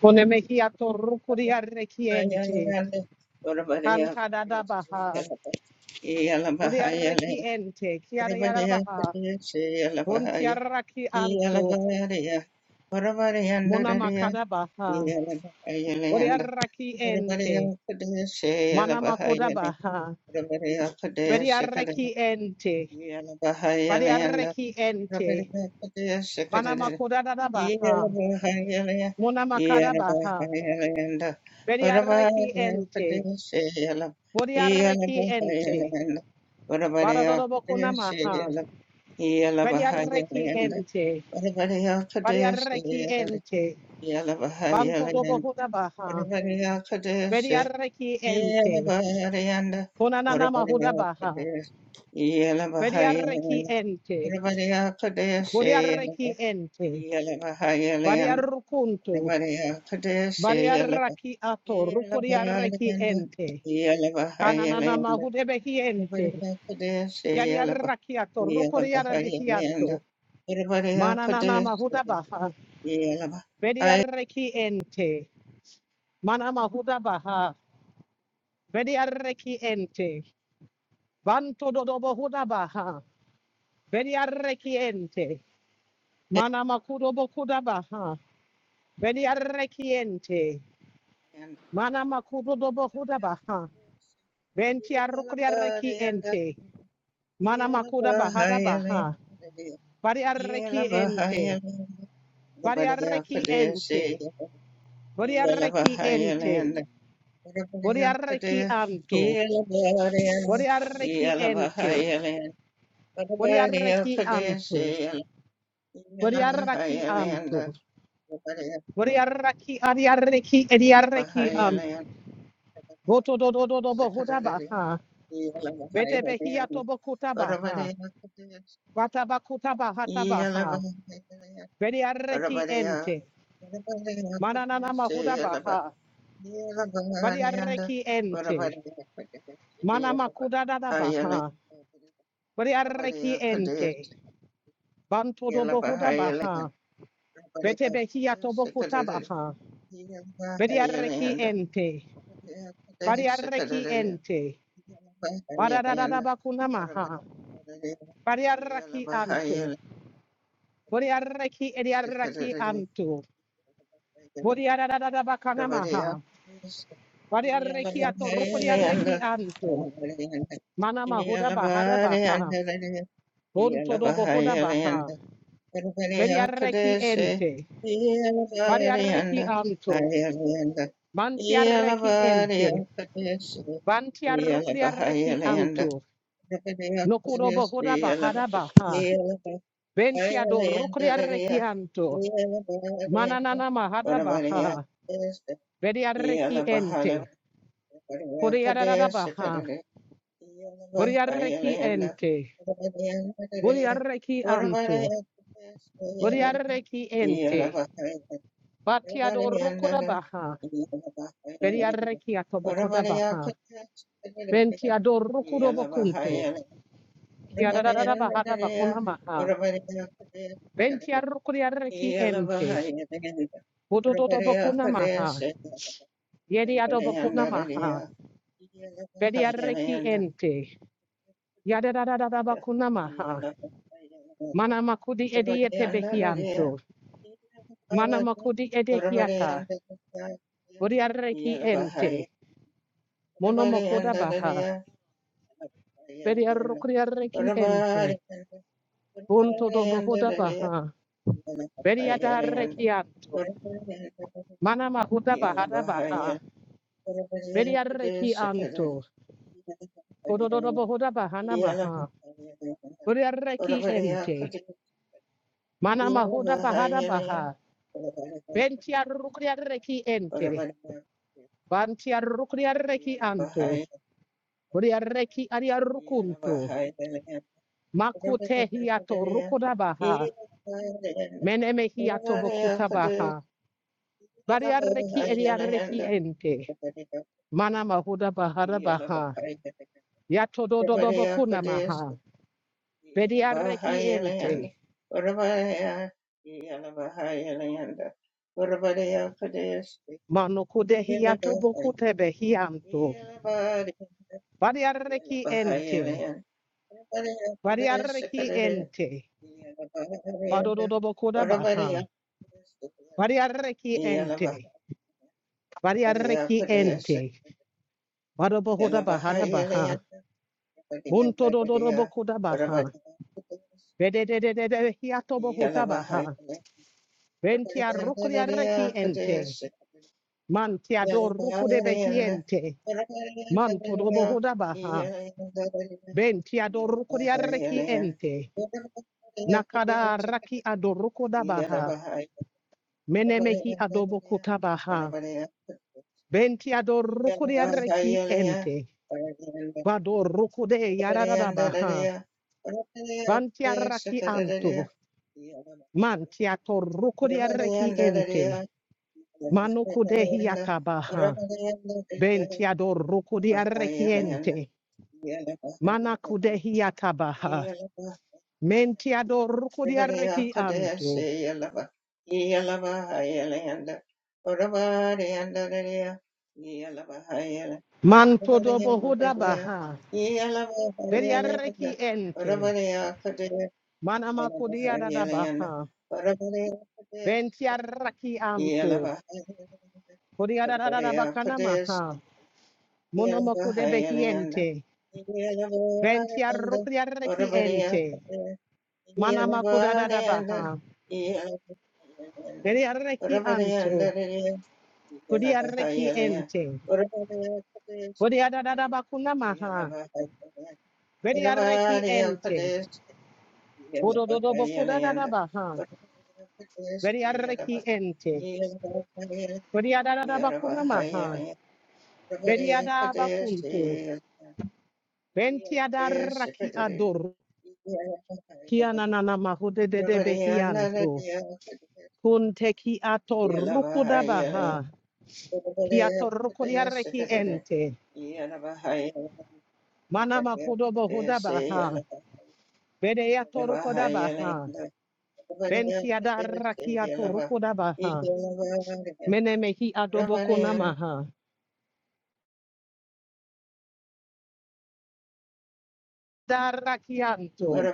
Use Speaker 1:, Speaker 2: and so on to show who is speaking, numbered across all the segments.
Speaker 1: Ponemehia torukuria requiente, cantada da baha, uria requiente, chiara yara baha, buntiaraki anto, munamakada baha, uria requiente, manamakoda baha, veria requiente, varia requiente, manamakoda da baha, munamakada baha, veria requiente, uria requiente, Vada dodo bokuna maha, veria requiente, Variarreki ente. Banto dobo hudabaha. baha. ente. Konananama huda baha. Variarreki ente. Variarreki ente. Variarrukuntu. Variarraki ato. Rukuriarreki ente. Kanananama hudebehi ente. Yariarraki ato. Rukuriarbehi anto. Manananama hudabaha baha. ente. Manama hudabaha baha. ente. Vanto dodobo hudabaha. Vedi arrechiente. Mana makudobo kudabaha. Vedi arrechiente. Mana makudobo hudabaha. Venti arrukri arrechiente. Mana makudabaha dabaha. Vari arrechiente. Vari arrechiente. Vari arrechiente. Vari arrechianto. Vari arrechiente. Vari arrechianto. Vari arrechianto. Boriaraki, Ariareki, Ediareki, um, Boto do do do do Bohodabaha, Bete Behiato Bokutabaha, Batabakutaba Hatabaha, Bediareki ente, Mananana Mahudabaha, Badiareki ente, Manama Kudadabaha, Badiareki ente, Banto do Bohudabaha, Bete Behiato Bokutabaha, Bediareki ente, Badiareki ente, Badadadabakunamaha, Bariaraki anto. Boriaraki ediaraki anto. Boriarada bakanamaha. Bariaraki ato rukuriaraki anto. Manama huda bahada baha. Bonto dobo huda baha. Beriaraki ente. Bariaraki anto. Mantiaraki ente. Bantiarukriaraki anto. Nokudobo huda bahada baha. Bentiado rukriaraki anto. Mananana mahada baha. Beriaraki ente. Kodiaradabaha. Boriareki ente. Boriareki anto. Boriareki ente. Batiadorukodabaha. Beriareki atobokodabaha. Bentiadorukodobokunto. Kiadadadabaha Bentiarukodiareki ente. Bodododobokunamaha. Yediadobokunamaha. Beriareki ente. Yadadadabakunamaha. Manamakudi edietebehianto. Mana Manamakudi edehiata, Buriareki ente, Mono Monomokoda baha, Beriarokriareki ente, Bunto dobohoda baha, Beriadareki anto, Manamahuda bahada baha, Beriareki anto, Gododobohoda bahana maha, Buriareki ente, Manamahuda bahada baha, Bentiarokriareki ente, Bantiarokriareki anto, Buriareki ariarukunto, Makute hiato rukodabaha. Meneme hiato bokutabaha. Bariareki eriareki ente. Mana mahuda bahara baha. Yato dododo bokuna maha. Bediareki ente. Manukude hiato bokutebe hianto. Bariareki ente. Bariareki ente. Badododo bokuda baha. Bariareki ente. Bariareki ente. Badobohuda bahara baha. Bunto do do do boku da baha. Bede de de de de hiato boku da baha. Ventia rukuria reki ente. Mantia do rukude de behiente. Manto do boku da baha. Bentia do rukuria reki ente. Nakada raki ado ruku da baha. Menemehi ado boku da baha. Bentia do rukuria reki ente. Vado rukude de yarada da baha. Bantia raki anto. Mantia to rukuria reki ente. Manoko de hiatabaha. Bentiador rukudia requiente. Manako de hiatabaha. Mentiador rukudia requianto. Manto do bohuda baha. Beria requiente. Manamako diadadabaha. Bentia rakianto. Kodiadadadabakanamaha. Monomoko de behiente. Bentia rukudia requiente. Manamako dadadabaha. Beria requianto. Kuriareki ente. Kuriadadaba kunamaha. Veriareki ente. Bodododobo kudadadabaha. Veriareki ente. Kuriadadaba kunamaha. Veriadaba kuntu. Ventiadaraki ador. Kiananana mahude de de behianto. Kunte ki atorukudabaha. Kiatorukuriareki ente. Manama kudobo hudabaha. Vedeatorukodabaha. Benti adarrakiato rukodabaha. Menemehi adobokonamaha. Darrakianto.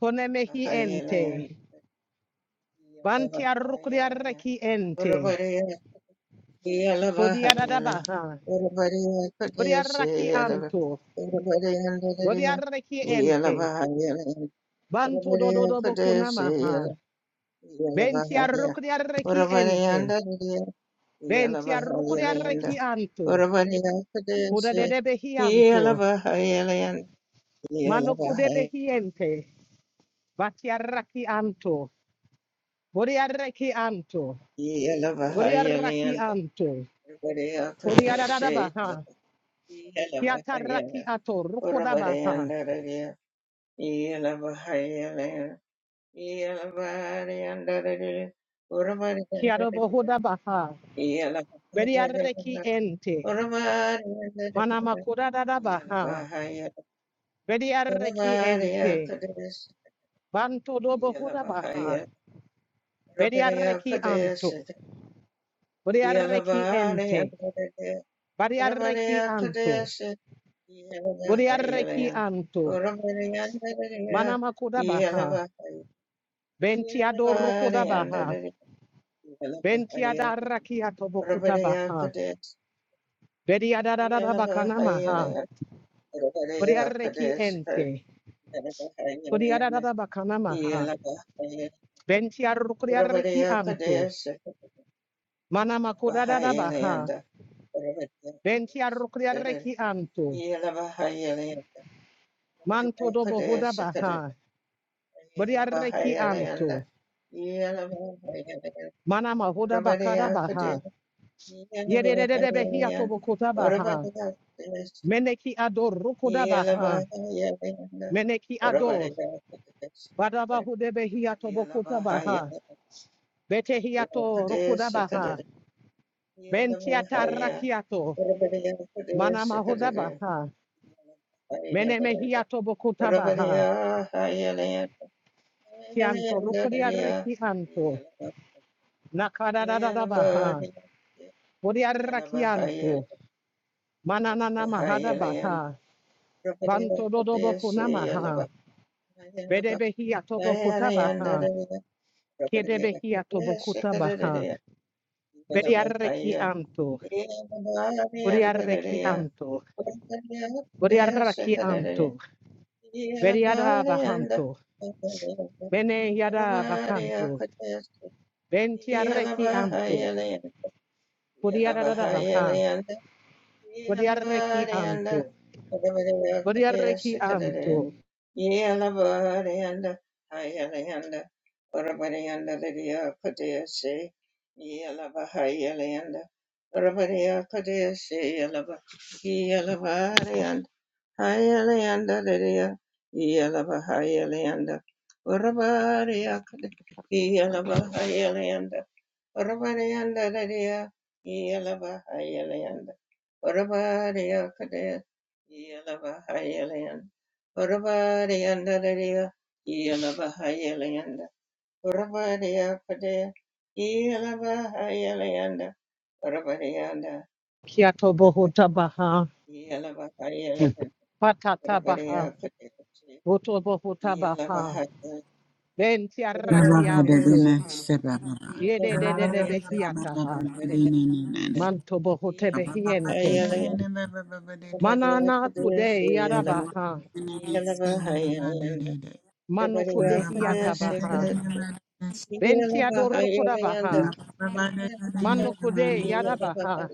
Speaker 1: Konemehi ente. Banti arrukriarreki ente. Kodiadadabaha. Kodiarraki anto. Kodiarreki ente. Banto dododobokonamaha. Benti arrukriarreki ente. Benti arrukriarreki anto. Kodadedebehi anto. Mano kudebehi ente. Batiarraki anto. Boriaraki anto. Boriaraki anto. Boriarabaha. Kiataraki ato. Rukodabaha. Kiarobohodabaha. Beriaraki ente. Manamakodadabaha. Beriaraki ente. Banto dobohodabaha. Beriaraki anto. Boriaraki ente. Bariaraki anto. Boriaraki anto. Manamakodabaha. Bentiado rukodabaha. Bentiada rakia tobokuta baha. Bediada da da da bakana maha. Kuriareki ente. Kuriada da da bakana maha. Bentiarukriareki anto. Manama kudada da da baha. Bentiarukriareki anto. Manto dobo huda baha. Buriareki anto. Manama huda bakada baha. Yedede behia tobokuta baha. Meneki ador rukuda baha. Meneki ador. Badaba hudebehia tobokuta baha. Betehiato rokodabaha. Bentiata rakiato. Manama hodabaha. Menemehiato bokotabaha. Kianto rokodia rekianto. Nakadadadabaha. Odia rakianto. Mananana mahadabaha. Banto dodoboku namaha. Bedebehiato bokotabaha. Kiedebehiato bokotabaha. Bedia rekianto. Odia rekianto. Odia rakianto. Beriada bahanto. Bene yada bacanto, ventiareki anto, podiarada baha, podiareki anto, podiareki anto, kiato bohota baha, patata baha, voto bohota baha, ventiareki
Speaker 2: Baba
Speaker 1: anto, yede de de de behiataha, manto bohote behiente, manana kude yada baha, mano kude hiata baha, ventiador kuda baha, mano kude yada baha,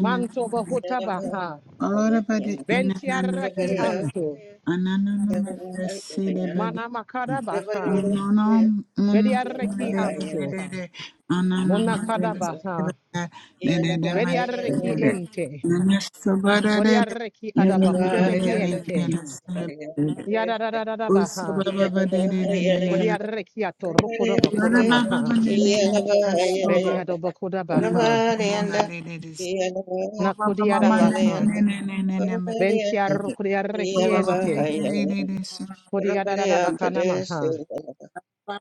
Speaker 1: Manto bohuta baha.
Speaker 2: Allora bade inanana
Speaker 1: Bentiaraki anto.
Speaker 2: ananana sede bade
Speaker 1: Mana makara baha.
Speaker 2: unonom unonom
Speaker 1: Bediaraki
Speaker 2: de de de
Speaker 1: anto.
Speaker 2: de de ananana de
Speaker 1: Monakada
Speaker 2: de
Speaker 1: baha.
Speaker 2: de de bade de de
Speaker 1: Bediaraki
Speaker 2: de
Speaker 1: ente.
Speaker 2: nanasu bade de de
Speaker 1: Bodiaraki adabahude
Speaker 2: nananana de de de
Speaker 1: behiente.
Speaker 2: sede de de
Speaker 1: Yadadadada baha.
Speaker 2: usababa bade de de nanana
Speaker 1: Bodiaraki atorukoda
Speaker 2: Baba
Speaker 1: bakona
Speaker 2: baba
Speaker 1: maha.
Speaker 2: ne ne ne soba
Speaker 1: Bediadobakoda baha.
Speaker 2: nanana bade de
Speaker 1: Nakodiada
Speaker 2: Thank
Speaker 1: baha. Bentiarukodiaraki ente. Bodiadada bakana maha.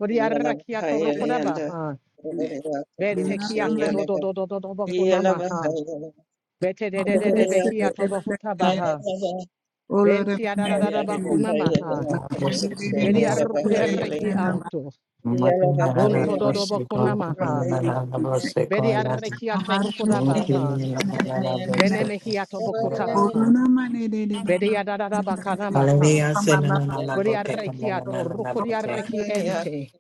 Speaker 1: Bodiaraki atorukoda baha. Bentekia todo to do do do do do do Bete de de de de behia to bohuta baha. Benti ada da da da bakuna maha.
Speaker 3: Hallelujah, say
Speaker 1: Bedi arrukuri arreki anto. Bunto do do bakuna maha. Bedi arreki ato rukuda baha. Bene
Speaker 2: you.
Speaker 1: mehia to bokuta
Speaker 2: I
Speaker 1: baha. Bedi ada da da bakana maha.
Speaker 3: na na na na
Speaker 1: Bedi
Speaker 3: bo te ka na
Speaker 1: arreki
Speaker 3: na
Speaker 1: ato
Speaker 3: na na na
Speaker 1: rukuri
Speaker 3: bo te
Speaker 1: arreki ente.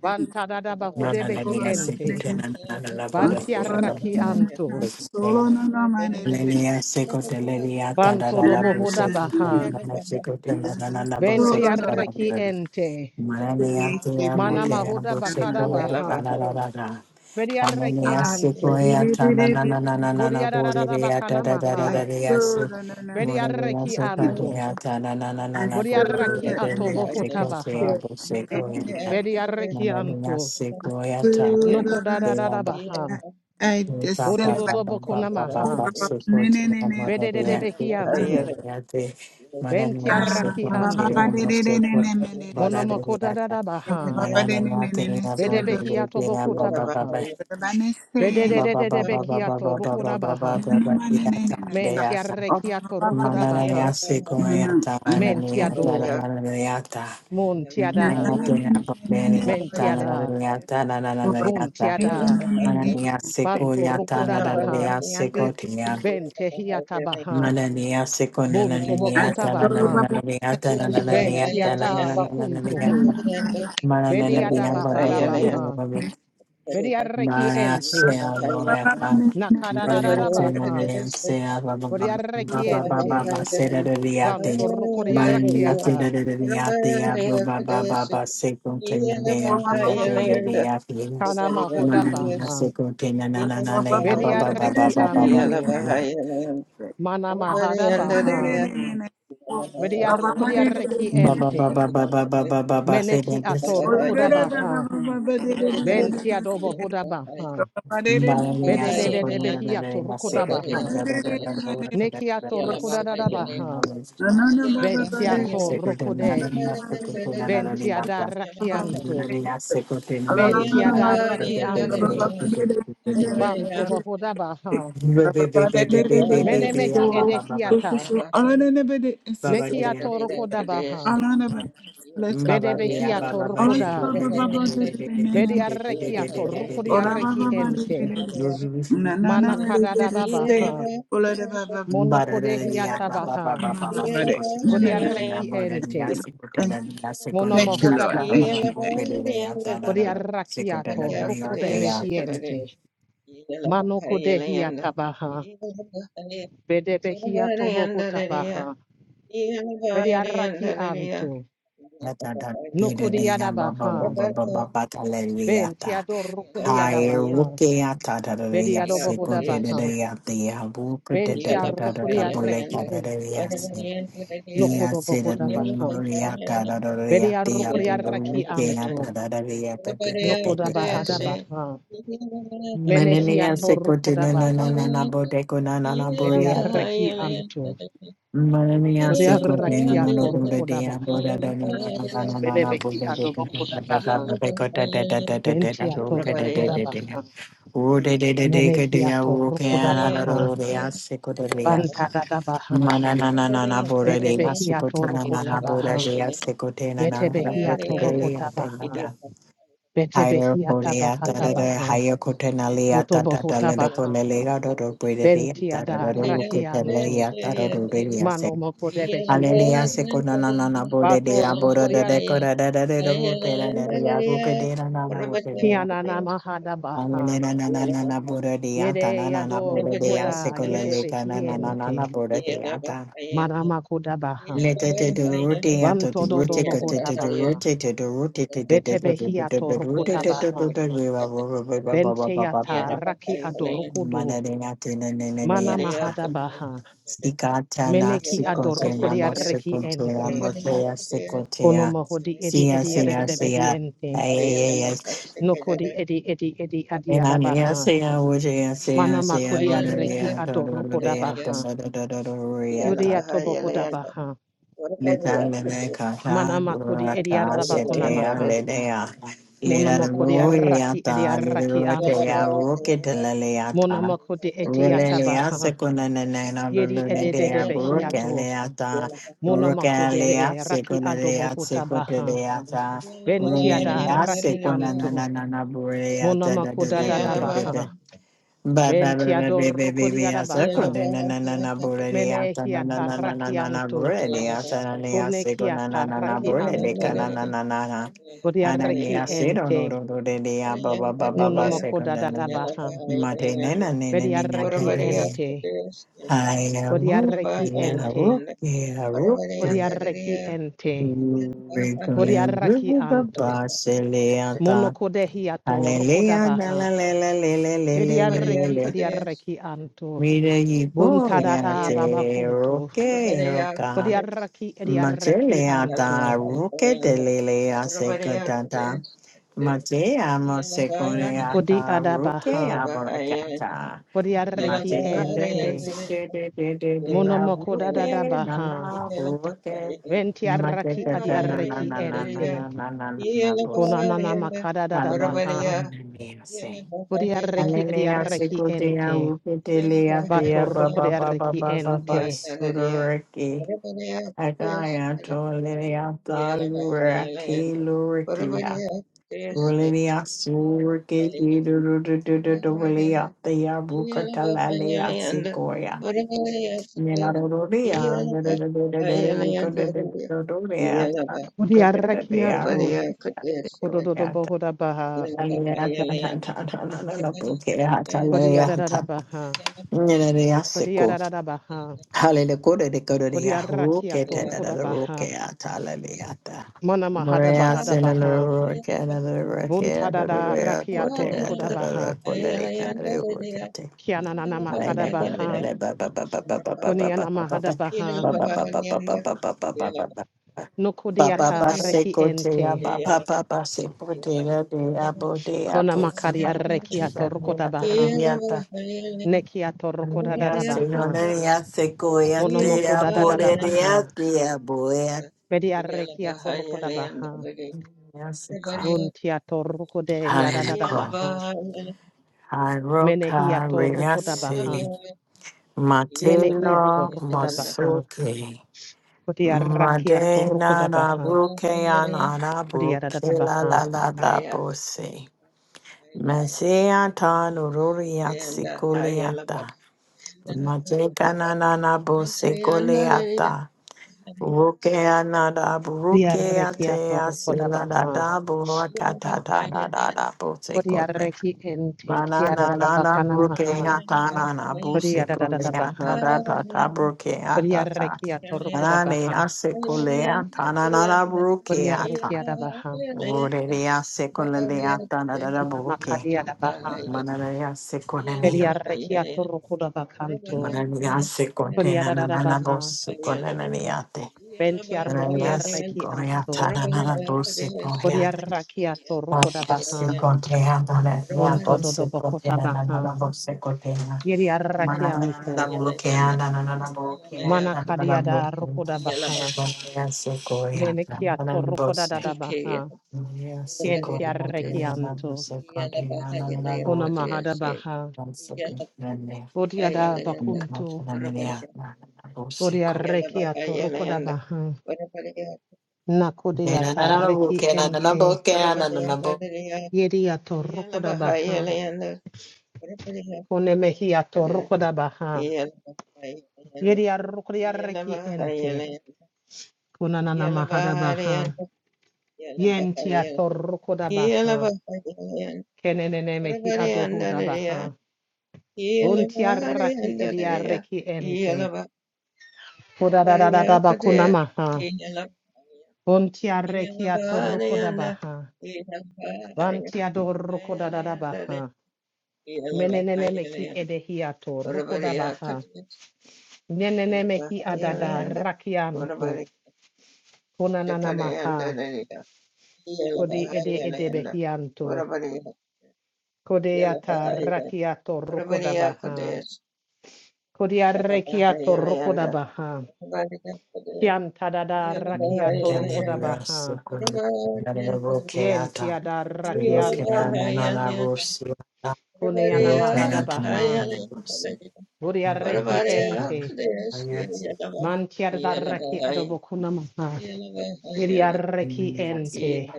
Speaker 1: Banta da da
Speaker 3: na
Speaker 1: bahude
Speaker 3: na na
Speaker 1: behi
Speaker 3: na se ko
Speaker 1: ente.
Speaker 3: te na na na na na bo te na
Speaker 1: Banti
Speaker 3: na na na
Speaker 1: arraki
Speaker 3: se
Speaker 1: anto.
Speaker 3: ko te Hallelujah, se ko te le ri a ta da
Speaker 1: Banto
Speaker 3: da
Speaker 1: do
Speaker 3: da bo se
Speaker 1: bohuda
Speaker 3: ko te na
Speaker 1: baha.
Speaker 3: na na se ko te na na na na bo se
Speaker 1: Benti
Speaker 3: ko te na
Speaker 1: Ventiarreki
Speaker 3: na na
Speaker 1: ente.
Speaker 3: Mananiya te amo
Speaker 1: Mana
Speaker 3: te
Speaker 1: mahuda
Speaker 3: amo se
Speaker 1: bakada
Speaker 3: ko ta
Speaker 1: baha.
Speaker 3: da da da
Speaker 1: Vediarreki
Speaker 3: Ananiasi
Speaker 1: anto.
Speaker 3: koyata na na na na na na na
Speaker 1: Budiarara
Speaker 3: buriya da
Speaker 1: bakana
Speaker 3: da da da da
Speaker 1: maha.
Speaker 3: riasi. Muriya
Speaker 1: Vediarreki
Speaker 3: se
Speaker 1: anto.
Speaker 3: koyata na na na na
Speaker 2: I
Speaker 3: na
Speaker 2: still
Speaker 3: buriya
Speaker 2: love
Speaker 1: Budiarraki
Speaker 2: it and it
Speaker 1: atobo
Speaker 3: buriya
Speaker 2: and
Speaker 3: se ko
Speaker 2: it
Speaker 3: koyata
Speaker 1: hotabaha.
Speaker 2: still- and
Speaker 3: buse
Speaker 2: it and it. and
Speaker 3: koyata.
Speaker 2: it.
Speaker 1: Vediarreki
Speaker 3: Muriya
Speaker 1: anto.
Speaker 3: se
Speaker 2: I
Speaker 3: koyata
Speaker 2: still
Speaker 1: Noko da
Speaker 2: love
Speaker 1: da da
Speaker 3: ya
Speaker 1: da
Speaker 3: ba
Speaker 2: it. I
Speaker 1: baha.
Speaker 2: I just
Speaker 3: ba
Speaker 1: Bodo
Speaker 3: ba
Speaker 1: do
Speaker 2: celebrate.
Speaker 3: ba ba
Speaker 1: do
Speaker 3: ba
Speaker 1: bokuna
Speaker 3: ba ba
Speaker 2: Oh,
Speaker 3: ba
Speaker 1: maha.
Speaker 2: ba- ba-
Speaker 3: se ko
Speaker 2: ne- ne- ne-
Speaker 3: koyata
Speaker 2: ne-
Speaker 1: Bede
Speaker 3: muriya
Speaker 2: ne-
Speaker 3: se
Speaker 1: Vededebehi
Speaker 2: um,
Speaker 3: koyata
Speaker 1: anto.
Speaker 3: riya te.
Speaker 1: benti
Speaker 3: Muriya se
Speaker 2: ah,
Speaker 1: Ventiarraki
Speaker 2: ba- ba- ba-
Speaker 3: koyata
Speaker 2: ba-
Speaker 1: anto.
Speaker 2: de- de-
Speaker 3: muse
Speaker 2: de- de- ne-
Speaker 3: koyata
Speaker 2: ne- de- de-
Speaker 3: bara
Speaker 2: se-
Speaker 3: da
Speaker 1: Monomoko da
Speaker 3: ya
Speaker 1: da
Speaker 3: ta.
Speaker 1: da
Speaker 2: ba- ba- ba-
Speaker 1: baha.
Speaker 2: ba- de- ne-
Speaker 3: Muriya
Speaker 2: ne-
Speaker 3: te
Speaker 2: ne- ne-
Speaker 3: ya
Speaker 2: se-
Speaker 1: Bede
Speaker 2: lo- lo-
Speaker 3: buriya
Speaker 1: Vedebehi atobo
Speaker 3: buriya ba ba ba
Speaker 1: kotabaha.
Speaker 2: ba- ba- ne- se- le-
Speaker 1: Vededebeki ato rukoda baha.
Speaker 2: ne- ne- ma- ne- ne- ne- ne-
Speaker 1: Men
Speaker 2: sa.
Speaker 1: tia
Speaker 2: Oh, ba-
Speaker 1: rekia
Speaker 2: ba-
Speaker 1: to
Speaker 2: ba- ba- de- de-
Speaker 1: rokodabaha.
Speaker 2: no, no, ah, de- de-
Speaker 1: Men tia
Speaker 2: de- de.
Speaker 1: do. Mon tia
Speaker 2: Na- na-
Speaker 1: da.
Speaker 2: na- ne- ne- ne- ne- ne- ne. Oh, ba- ba-
Speaker 1: Bon
Speaker 2: ba
Speaker 3: Manana
Speaker 2: ne- ne- ne- ne-
Speaker 1: Banto rokodabaha.
Speaker 2: se.
Speaker 1: Ben tehiata baha. Bentiata
Speaker 2: Thank
Speaker 1: tobokota baha.
Speaker 2: you.
Speaker 1: Bediada bahara baha. Bedia reki ente. Nakadadada baha. Bedia reki ente. Banto rokodia rakiata. Kana mahoda baha. Bedia reki
Speaker 3: Baba
Speaker 1: Mana mahada baha. Vedia rukodia reki ente. Meneki ato rukoda baha. Bentia dobo hoda baha. Bede de de de behia to rukoda baha. Neki ato rukoda da da baha.
Speaker 2: Na na na, let
Speaker 1: Bentia
Speaker 3: Baba
Speaker 1: to rukode. Bentia da rakianto. Mentia da rakianto. Banto bohoda baha. Mene mehi edehiata. Neki ato rukoda baha. Bede behia to rukoda. Vedi arreki ato rukuri arreki ente. Mana
Speaker 2: it get a
Speaker 1: kadadada
Speaker 2: say.
Speaker 1: baha.
Speaker 2: Pull de up, up, up,
Speaker 1: Mono kodehi atabaha.
Speaker 2: up, up, up, de up. No,
Speaker 1: Vodi
Speaker 2: no, no.
Speaker 1: arreki ente.
Speaker 2: Thank
Speaker 1: Mono
Speaker 2: thank you,
Speaker 1: mohoda
Speaker 2: Lord. Thank
Speaker 1: baha.
Speaker 2: you. Thank you.
Speaker 1: Vodi arraki ato rukude behiente. Mano kodehi atabaha. Vede behi atobo hotabaha. Vedi arraki anto.
Speaker 3: Manania
Speaker 1: Nukudi adabaha. Venti ador rukudi adabaha. Vedi adobo hodabaha. Venti arrukuri arreki ente. Nokodo
Speaker 3: se
Speaker 1: bohoda baha. Bedia rokodia raki anto. Nokoda bahada baha. Menehiato rokoda
Speaker 3: na na na
Speaker 1: baha.
Speaker 3: na na bo de na na na
Speaker 1: Bedia
Speaker 3: bo
Speaker 1: reki anto.
Speaker 3: Mananiya se
Speaker 1: Odia
Speaker 3: kuchhiya na lo
Speaker 1: rakiato
Speaker 3: do re
Speaker 1: rokoda
Speaker 3: deya
Speaker 1: baha.
Speaker 3: bora da na na na na na na bol do do
Speaker 1: Benebehiato
Speaker 3: ke
Speaker 1: bokoda
Speaker 3: na ta ta
Speaker 1: baha.
Speaker 3: na pe ko ta ta ta ta ta ta ta do
Speaker 1: Ventiato
Speaker 3: ke de de
Speaker 1: rokoda
Speaker 3: de de ya
Speaker 1: baha.
Speaker 3: o de de de de ke de ya
Speaker 1: Menehiato
Speaker 3: o ke ya
Speaker 1: rokoda
Speaker 3: na na ro
Speaker 1: baha.
Speaker 3: ro de ya se ko de de ya
Speaker 1: Bantada da baha.
Speaker 3: ma na na na na na bora de ma se ko te
Speaker 1: Bedebehiato
Speaker 3: na na
Speaker 1: rokota
Speaker 3: na bora
Speaker 1: baha.
Speaker 3: de ya se ko te na na na na ke
Speaker 1: Betebehiato
Speaker 3: de le ya
Speaker 1: bohota
Speaker 3: te na
Speaker 1: baha.
Speaker 3: da higher ko
Speaker 1: Betebehiata
Speaker 3: de ya ta
Speaker 1: bahata
Speaker 3: da da
Speaker 1: baha.
Speaker 3: higher ko te na le ya ta ta ta le de ko
Speaker 1: Botobohota
Speaker 3: le le ga do do pe de de ya
Speaker 1: Benti
Speaker 3: ta da da
Speaker 1: ada
Speaker 3: do ko te le
Speaker 1: rakianto.
Speaker 3: ya ta do do de ya se
Speaker 1: Mano moko debehi
Speaker 3: Hallelujah,
Speaker 1: ente.
Speaker 3: sekona na na na bode de
Speaker 1: Bato
Speaker 3: aboro de
Speaker 1: rukuria
Speaker 3: de kora de de de de buke na de de ya buke de na na na buke de ya.
Speaker 1: kiana na mahada
Speaker 3: Hallelujah
Speaker 1: baha.
Speaker 3: na na na na na bode de ya ta na
Speaker 1: Yede
Speaker 3: na na
Speaker 1: yado
Speaker 3: bode de ya
Speaker 1: rukuda
Speaker 3: sekola
Speaker 1: yede
Speaker 3: le ka na
Speaker 1: behi
Speaker 3: na na na na
Speaker 1: ente.
Speaker 3: bode de ya ta.
Speaker 1: Marama kuda baha.
Speaker 3: Le te te de rute ya to de
Speaker 1: Vanto dodo
Speaker 3: rute ka te
Speaker 1: bohota
Speaker 3: te de
Speaker 1: baha.
Speaker 3: rute te de rute te de de
Speaker 1: Bete
Speaker 3: de
Speaker 1: behi
Speaker 3: de de
Speaker 1: ato
Speaker 3: de rute
Speaker 1: rukuta
Speaker 3: te te de
Speaker 1: baha.
Speaker 3: de de de ba ba ba ba ba ba
Speaker 1: Bente
Speaker 3: ba ba ba
Speaker 1: yata
Speaker 3: ba.
Speaker 1: raki ado
Speaker 3: Ma
Speaker 1: rukudu.
Speaker 3: de de ya te ne ne ne ne
Speaker 1: Mana
Speaker 3: ya.
Speaker 1: mahada baha.
Speaker 3: Sikatana
Speaker 1: Meneki ado
Speaker 3: sikotea
Speaker 1: rukuria reki
Speaker 3: mosikotea
Speaker 1: ente.
Speaker 3: motea
Speaker 1: Kono
Speaker 3: sikotea
Speaker 1: mohodi edi
Speaker 3: sia
Speaker 1: edi yada
Speaker 3: sia
Speaker 1: debehi
Speaker 3: sia
Speaker 1: ente.
Speaker 3: ay ay ay ay
Speaker 1: Nokodi edi edi edi
Speaker 3: and I'm here
Speaker 1: adiadabaha.
Speaker 3: sia sia sia sia
Speaker 1: Mana
Speaker 3: sia sia sia sia
Speaker 1: makodi arreki
Speaker 3: sia sia sia
Speaker 1: adorokodabaha.
Speaker 3: sia sia sia
Speaker 1: Yodia tobohodabaha.
Speaker 3: Leta lele kata
Speaker 1: Mana makodi
Speaker 3: lura
Speaker 1: edi
Speaker 3: kase te a
Speaker 1: adabakunamaha.
Speaker 3: lele a
Speaker 1: Mono
Speaker 3: lera
Speaker 1: makodi
Speaker 3: roi
Speaker 1: arraki edi
Speaker 3: ata lera
Speaker 1: arraki
Speaker 3: rote
Speaker 1: anto.
Speaker 3: a roke te lele
Speaker 1: Mono
Speaker 3: ata
Speaker 1: makodi eti
Speaker 3: role le a
Speaker 1: atabaha.
Speaker 3: sekuna na na na lulu
Speaker 1: Yedi
Speaker 3: ne de a roke le
Speaker 1: ededebehiato.
Speaker 3: ata
Speaker 1: Mono
Speaker 3: roke le a
Speaker 1: makodi raki
Speaker 3: sekuna le a sekute
Speaker 1: adobohotabaha.
Speaker 3: le ata role le
Speaker 1: Ventiada
Speaker 3: a
Speaker 1: raki
Speaker 3: sekuna na na
Speaker 1: anto.
Speaker 3: na na bure
Speaker 1: Mono
Speaker 3: ata da da
Speaker 1: makoda
Speaker 3: da da da da
Speaker 1: dadabaha.
Speaker 3: Ba ba ba ba ba ba ba ba. Asa
Speaker 1: Ventiadorokodiadabaha.
Speaker 3: konde na na na na borede asa na na
Speaker 1: Menehiata
Speaker 3: na na na na na
Speaker 1: rakianto.
Speaker 3: borede asa na ne asa
Speaker 1: Koneki
Speaker 3: ko na na na na
Speaker 1: ataraki
Speaker 3: borede ka
Speaker 1: anto.
Speaker 3: na na na na na. na na ne
Speaker 1: Bodiareki
Speaker 3: asa ro ro
Speaker 1: ente.
Speaker 3: ro ro de de ya ba ba ba ba ba se
Speaker 1: Monomoko
Speaker 3: konde na na.
Speaker 1: dadadabaha.
Speaker 3: Mate ne na ne ne ne ya ta
Speaker 1: Bediareki
Speaker 3: de ne.
Speaker 1: ente.
Speaker 3: Hai ya ru
Speaker 1: Bodiareki
Speaker 3: ya ru
Speaker 1: ente.
Speaker 3: ya ru.
Speaker 1: Bodiareki ente.
Speaker 3: Re ko ya
Speaker 1: Bodiareki
Speaker 3: ru ba
Speaker 1: anto.
Speaker 3: ba se le ata.
Speaker 1: Monokodehi ato, Monokodehiato
Speaker 3: Hallelujah, da la
Speaker 1: rokodabaha.
Speaker 3: la la la la la la la
Speaker 1: Bediareki
Speaker 3: la.
Speaker 1: ediareki anto.
Speaker 3: Mira y poria
Speaker 1: Buntadada
Speaker 3: te
Speaker 1: babakunto.
Speaker 3: roque roca.
Speaker 1: Kodiaraki ediareki
Speaker 3: Mateleata
Speaker 1: anto.
Speaker 3: roque de lelea secatata. Matea
Speaker 1: Kodi
Speaker 3: moseconeata
Speaker 1: adabaha.
Speaker 3: roque aboracata.
Speaker 1: Kodiareki
Speaker 3: Matecunde de
Speaker 1: ente.
Speaker 3: de de de de de la
Speaker 1: Monomoko da da da
Speaker 3: roque
Speaker 1: baha.
Speaker 3: nana roque.
Speaker 1: Venti arraki adi
Speaker 3: Matecata na na
Speaker 1: arreki
Speaker 3: na na na na
Speaker 1: ente.
Speaker 3: na na na na bosa.
Speaker 1: Konanana makada da da
Speaker 3: Hallelujah.
Speaker 1: baha.
Speaker 3: Mia Saint.
Speaker 1: Budi arreki
Speaker 3: Ani
Speaker 1: adi
Speaker 3: niya
Speaker 1: arreki
Speaker 3: seko ya
Speaker 1: ente.
Speaker 3: bukitele ya ba
Speaker 1: Batoroko
Speaker 3: ba
Speaker 1: de
Speaker 3: ba ba
Speaker 1: arreki
Speaker 3: ba ba ba
Speaker 1: ente.
Speaker 3: suru riki. Aka ya tole ya talu riki luri ya. Ule ya suru keji du du du du du du le ya ba ya bukata lali ya seko ya. Ni na du du ya du du du du du du ya seko ya
Speaker 1: Budi
Speaker 3: du du du du
Speaker 1: arreki ato.
Speaker 3: ya seko
Speaker 1: Kodododo
Speaker 3: ya.
Speaker 1: boho da baha.
Speaker 3: Ani ya cha cha cha cha cha cha buke le ha cha le
Speaker 1: Kodi
Speaker 3: ya
Speaker 1: ada da
Speaker 3: cha.
Speaker 1: da baha. Kodi ada da da baha. Budi arraki atoroko da baha. Mana mahada baha da baha. Bunta da da arraki atoroko da baha. Kianana makada baha. Kone ana mahada baha. No kodiata reki ente. Kona makaria reki ato rokoda baha. Neki ato rokoda
Speaker 3: Hallelujah,
Speaker 1: dada
Speaker 3: Señor,
Speaker 1: baha.
Speaker 3: ella se
Speaker 1: Monomoko
Speaker 3: coyatea
Speaker 1: dada
Speaker 3: por
Speaker 1: dada
Speaker 3: ella,
Speaker 1: baha.
Speaker 3: tía, boya.
Speaker 1: Bedi arreki ato rokoda baha.
Speaker 3: Yasika.
Speaker 1: Bunti ato rokode yada dada
Speaker 3: Hallelujah.
Speaker 1: baha. Menehi
Speaker 3: Haroka,
Speaker 1: ato rokoda baha.
Speaker 3: Riasi,
Speaker 1: Menehi ato
Speaker 3: Matelo
Speaker 1: rokoda baha.
Speaker 3: Masuke
Speaker 1: Kodi arraki ato
Speaker 3: Madena
Speaker 1: rokoda
Speaker 3: na
Speaker 1: baha.
Speaker 3: bruke anana
Speaker 1: Kodi yada
Speaker 3: bruke
Speaker 1: dada
Speaker 3: la
Speaker 1: baha.
Speaker 3: la la la bose Mesiata nururiat sikuliata Majeka na na na bose Rukea nada
Speaker 1: Di
Speaker 3: brukea
Speaker 1: arreki ato
Speaker 3: tea
Speaker 1: rokoda
Speaker 3: sila da
Speaker 1: baha.
Speaker 3: da buraka ta ta da da da busekote.
Speaker 1: Kodiareki ente
Speaker 3: Manana
Speaker 1: kiarada
Speaker 3: nana
Speaker 1: bakana maha.
Speaker 3: brukea ta nana
Speaker 1: Kodiarada
Speaker 3: busekolea ta
Speaker 1: baha.
Speaker 3: da ta ta brukea ta ta.
Speaker 1: Kodiareki atorokoda
Speaker 3: Manane
Speaker 1: baha.
Speaker 3: asekolea ta nana da brukea
Speaker 1: Kodiareki
Speaker 3: ta.
Speaker 1: adabaha.
Speaker 3: Urerea sekolea ta da da da buke.
Speaker 1: Namakadi adabaha.
Speaker 3: Manarea sekolea.
Speaker 1: Kodiareki atorokoda bakanto.
Speaker 3: Manarea sekote na
Speaker 1: Kodiarada
Speaker 3: nana
Speaker 1: baha.
Speaker 3: busekolea te. Gracias,
Speaker 1: Bentiarokodiareki
Speaker 3: Gloria,
Speaker 1: amto.
Speaker 3: Tanana, Bosi, Gloria,
Speaker 1: Kodiareki atorokoda baha.
Speaker 3: Gracias, Contea, Manana,
Speaker 1: Unto
Speaker 3: Bosi, Contea,
Speaker 1: dodobokota baha.
Speaker 3: Nana, Bosi, Contea,
Speaker 1: Yeriareki
Speaker 3: Manana,
Speaker 1: amto.
Speaker 3: Bukea, Nana, Bukea, Tanana,
Speaker 1: Manakadiada
Speaker 3: Bukea,
Speaker 1: rokoda baha.
Speaker 3: Gracias, Gloria, Tanana,
Speaker 1: Venekiato rokoda
Speaker 3: Bosi,
Speaker 1: dada baha.
Speaker 3: Gracias, Gloria,
Speaker 1: Kientiareki
Speaker 3: Tanana,
Speaker 1: amto.
Speaker 3: Bosi, Contea, Nana,
Speaker 1: Kona
Speaker 3: Bukea,
Speaker 1: mahada baha.
Speaker 3: Bosi, Contea, Nana, Bukea, Nana,
Speaker 1: Bodiada bakunto.
Speaker 3: Bukea,
Speaker 1: Bodia reki ato rokoda baha. Nakode ata
Speaker 3: Nana,
Speaker 1: reki ente.
Speaker 3: Bukea, Nana, Bukea,
Speaker 1: Yedi ato rokoda baha. Kone mehi ato rokoda baha. Yedi arrokodia reki ente. Kona nana mahada baha. Yenti ato rokoda baha. Kenenene mehi adohoda baha. Buntia raki edia reki ente. Koda da da da da bakuna maha. Buntia reki ato rokoda baha. Vantiador Rokodadabaha. Menenemeki edehiato Rokodabaha. Nenenemeki adada rakianto. Konananamaha. Kode ede edebehianto. Kodeata rakiato Rokodabaha. Kodia rekiato Rokodabaha. Kiantadada
Speaker 3: Thank you.
Speaker 1: rakiato Rokodabaha. Yentiada rakianto. Koneanamahadabaha. Vodia reki ente. Man tiadaraki adobokunamaha. Yiriaraki ente.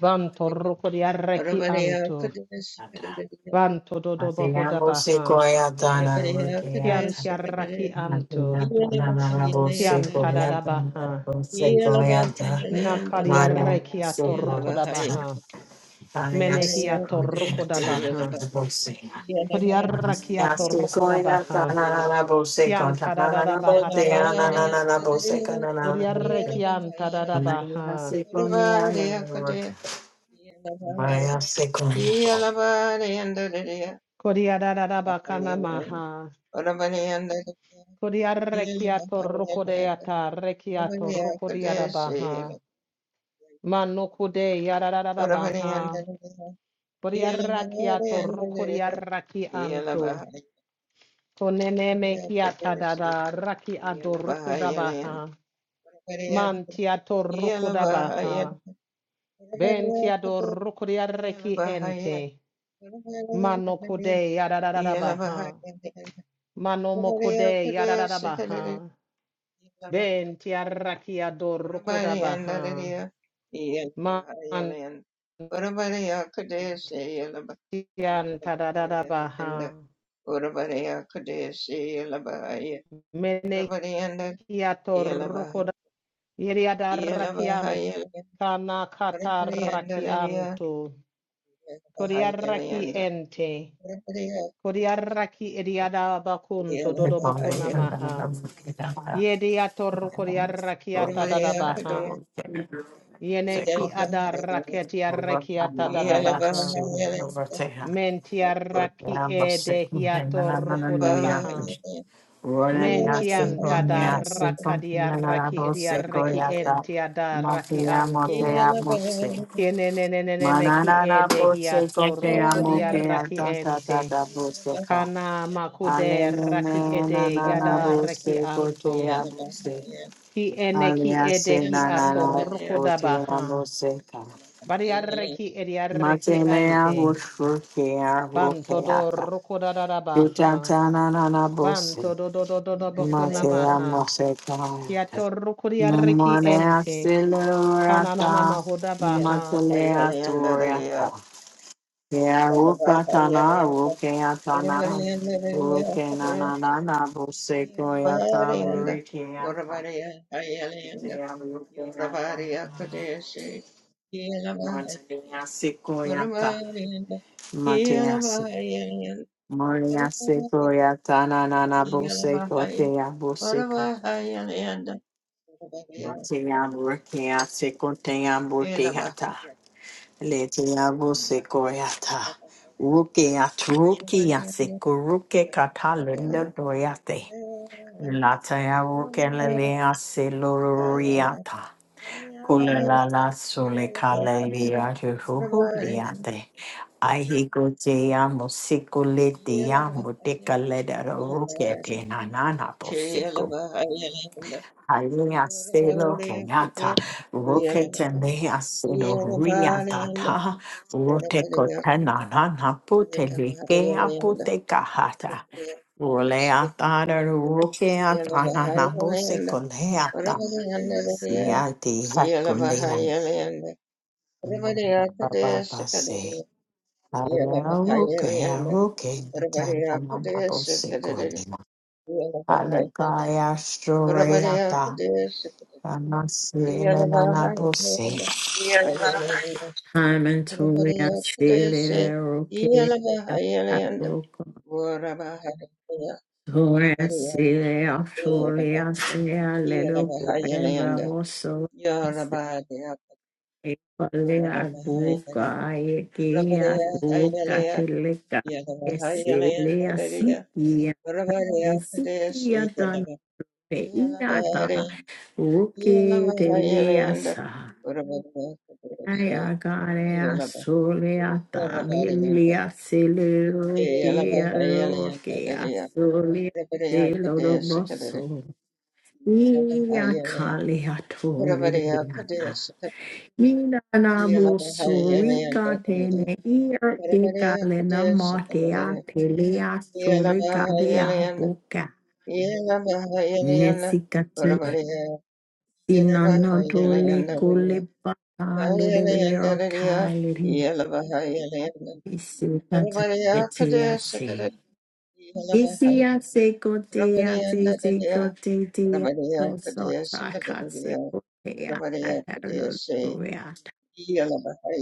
Speaker 1: Vanto rukuriaraki anto. Vanto dodobohodabaha. Kian tiaraki anto. Kian tadadabaha. Nakariaraki atorukodabaha. Menehi atorukodabaha.
Speaker 3: Seco,
Speaker 1: Kodiaraki atorukodabaha. Kian tadadabahadabaha. Kodiaraki antadadabaha. Kodiadadabakana maha. Kodiarekiato rokodeata rekiato rokodiada baha. Manokode yadada baha. Kodiarakiato rokodiaraki anto. Konene mehiata dada raki ado rokodabaha. Mantiato rokodabaha. Bentiado rokodiareki ente. Manokode yadada baha. Manomokode yadada baha. Bentiarakiado rokodabaha. Man yanta da da da baha. Mene hiato rukoda. Yeriada kana kataraki anto. Koriaraki ente. Koriaraki eriada bakunto dodo bokuna maha. Yediato rukoriaraki ata da da baha. Yeneki ada raketi araki ata da da baha. Mentiaraki ede hiato rukoda baha.
Speaker 3: Manana
Speaker 1: Mentian tadaraka diaraki diaraki raki anto. Kieneneneneneki
Speaker 3: bose
Speaker 1: edehiato
Speaker 3: kote
Speaker 1: roko
Speaker 3: amuke
Speaker 1: raki
Speaker 3: atata
Speaker 1: ente.
Speaker 3: tata bose ka
Speaker 1: Kana makude
Speaker 3: Alelele
Speaker 1: raki ede
Speaker 3: nanana
Speaker 1: yada reki
Speaker 3: bose kote
Speaker 1: anto.
Speaker 3: abose.
Speaker 1: Ki ene ki ede
Speaker 3: Aliase
Speaker 1: hi
Speaker 3: nanana
Speaker 1: atorko
Speaker 3: bote
Speaker 1: dabaha.
Speaker 3: abose ka
Speaker 1: Bari arreki edi arreki
Speaker 3: Matele
Speaker 1: ante.
Speaker 3: ahushuke
Speaker 1: Banto
Speaker 3: ahuke
Speaker 1: do
Speaker 3: ata.
Speaker 1: roko da da da baha.
Speaker 3: Tutata nanana bose.
Speaker 1: Banto do do do do do boko
Speaker 3: Mate amose ka.
Speaker 1: Kia toru kuriareki
Speaker 3: Mone
Speaker 1: ente. Kananana
Speaker 3: accelerata,
Speaker 1: mahoda baha.
Speaker 3: maceleratoriata. Yeah, rukatana, rukeatana, rukenanana, busekoyata, rukiata. Yeah, rukeata. Matea sekoyata, matea se. Matea sekoyata, nanana, busekotea, busekata. Matea rukeata, sekotea, buteata. Leteabo sekoyata. Rukeat rukia sekuruke katalunda doyate. Lataya rukelelea seloriata. Kulala sulekalelea juhu liate. Ahi gotea musikulete ya mutekaleda rukete nanana Hallelujah, Selo Kenyatta, Roketemea Selo Riatata, Rotekotana Nana Putelekea Putekahata, Roleatana Rokeatana Nabose Coleata, Yati Hakulea, Baba Se, Ayaruke, Aruke, Tanamabose Colina, Alegaya Storiata. Namaste. I'm in Toria Sile Roke Toria Sile Australia Sile Little Boy Bravo So Pale Aguka Ayeke Aguka Teleka Sile Asikia Lesikia Dana Peia Ta Roke Tele Asa Aya garea soleata milia celero pero que asole celero mosso. Ia calea tone de nata. Mina nabo surica tene ir que calena matea telea sole cadea boca. Nesicati sinanatole cole bacale de vero Isi kata kete yase. isi yase kote yate se kote te yato sota katse kote kasi lulu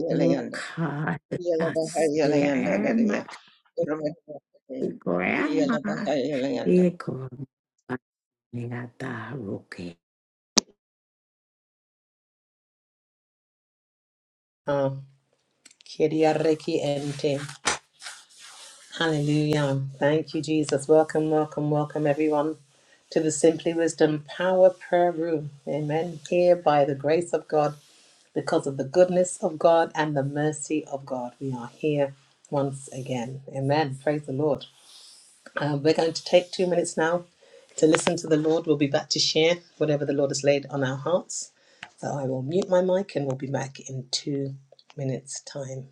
Speaker 3: Isiakatayetiase. Isiasekoteatesekoteasosotakatsekoteataruluya. Lukataseemakatigoyama. Ikomaniataruke.
Speaker 1: Ah, Kiriariki ente. Hallelujah. Thank you, Jesus. Welcome, welcome, welcome, everyone, to the Simply Wisdom Power Prayer Room. Amen. Here, by the grace of God, because of the goodness of God and the mercy of God, we are here once again. Amen. Praise the Lord. Uh, we're going to take two minutes now to listen to the Lord. We'll be back to share whatever the Lord has laid on our hearts. So I will mute my mic and we'll be back in two minutes' time.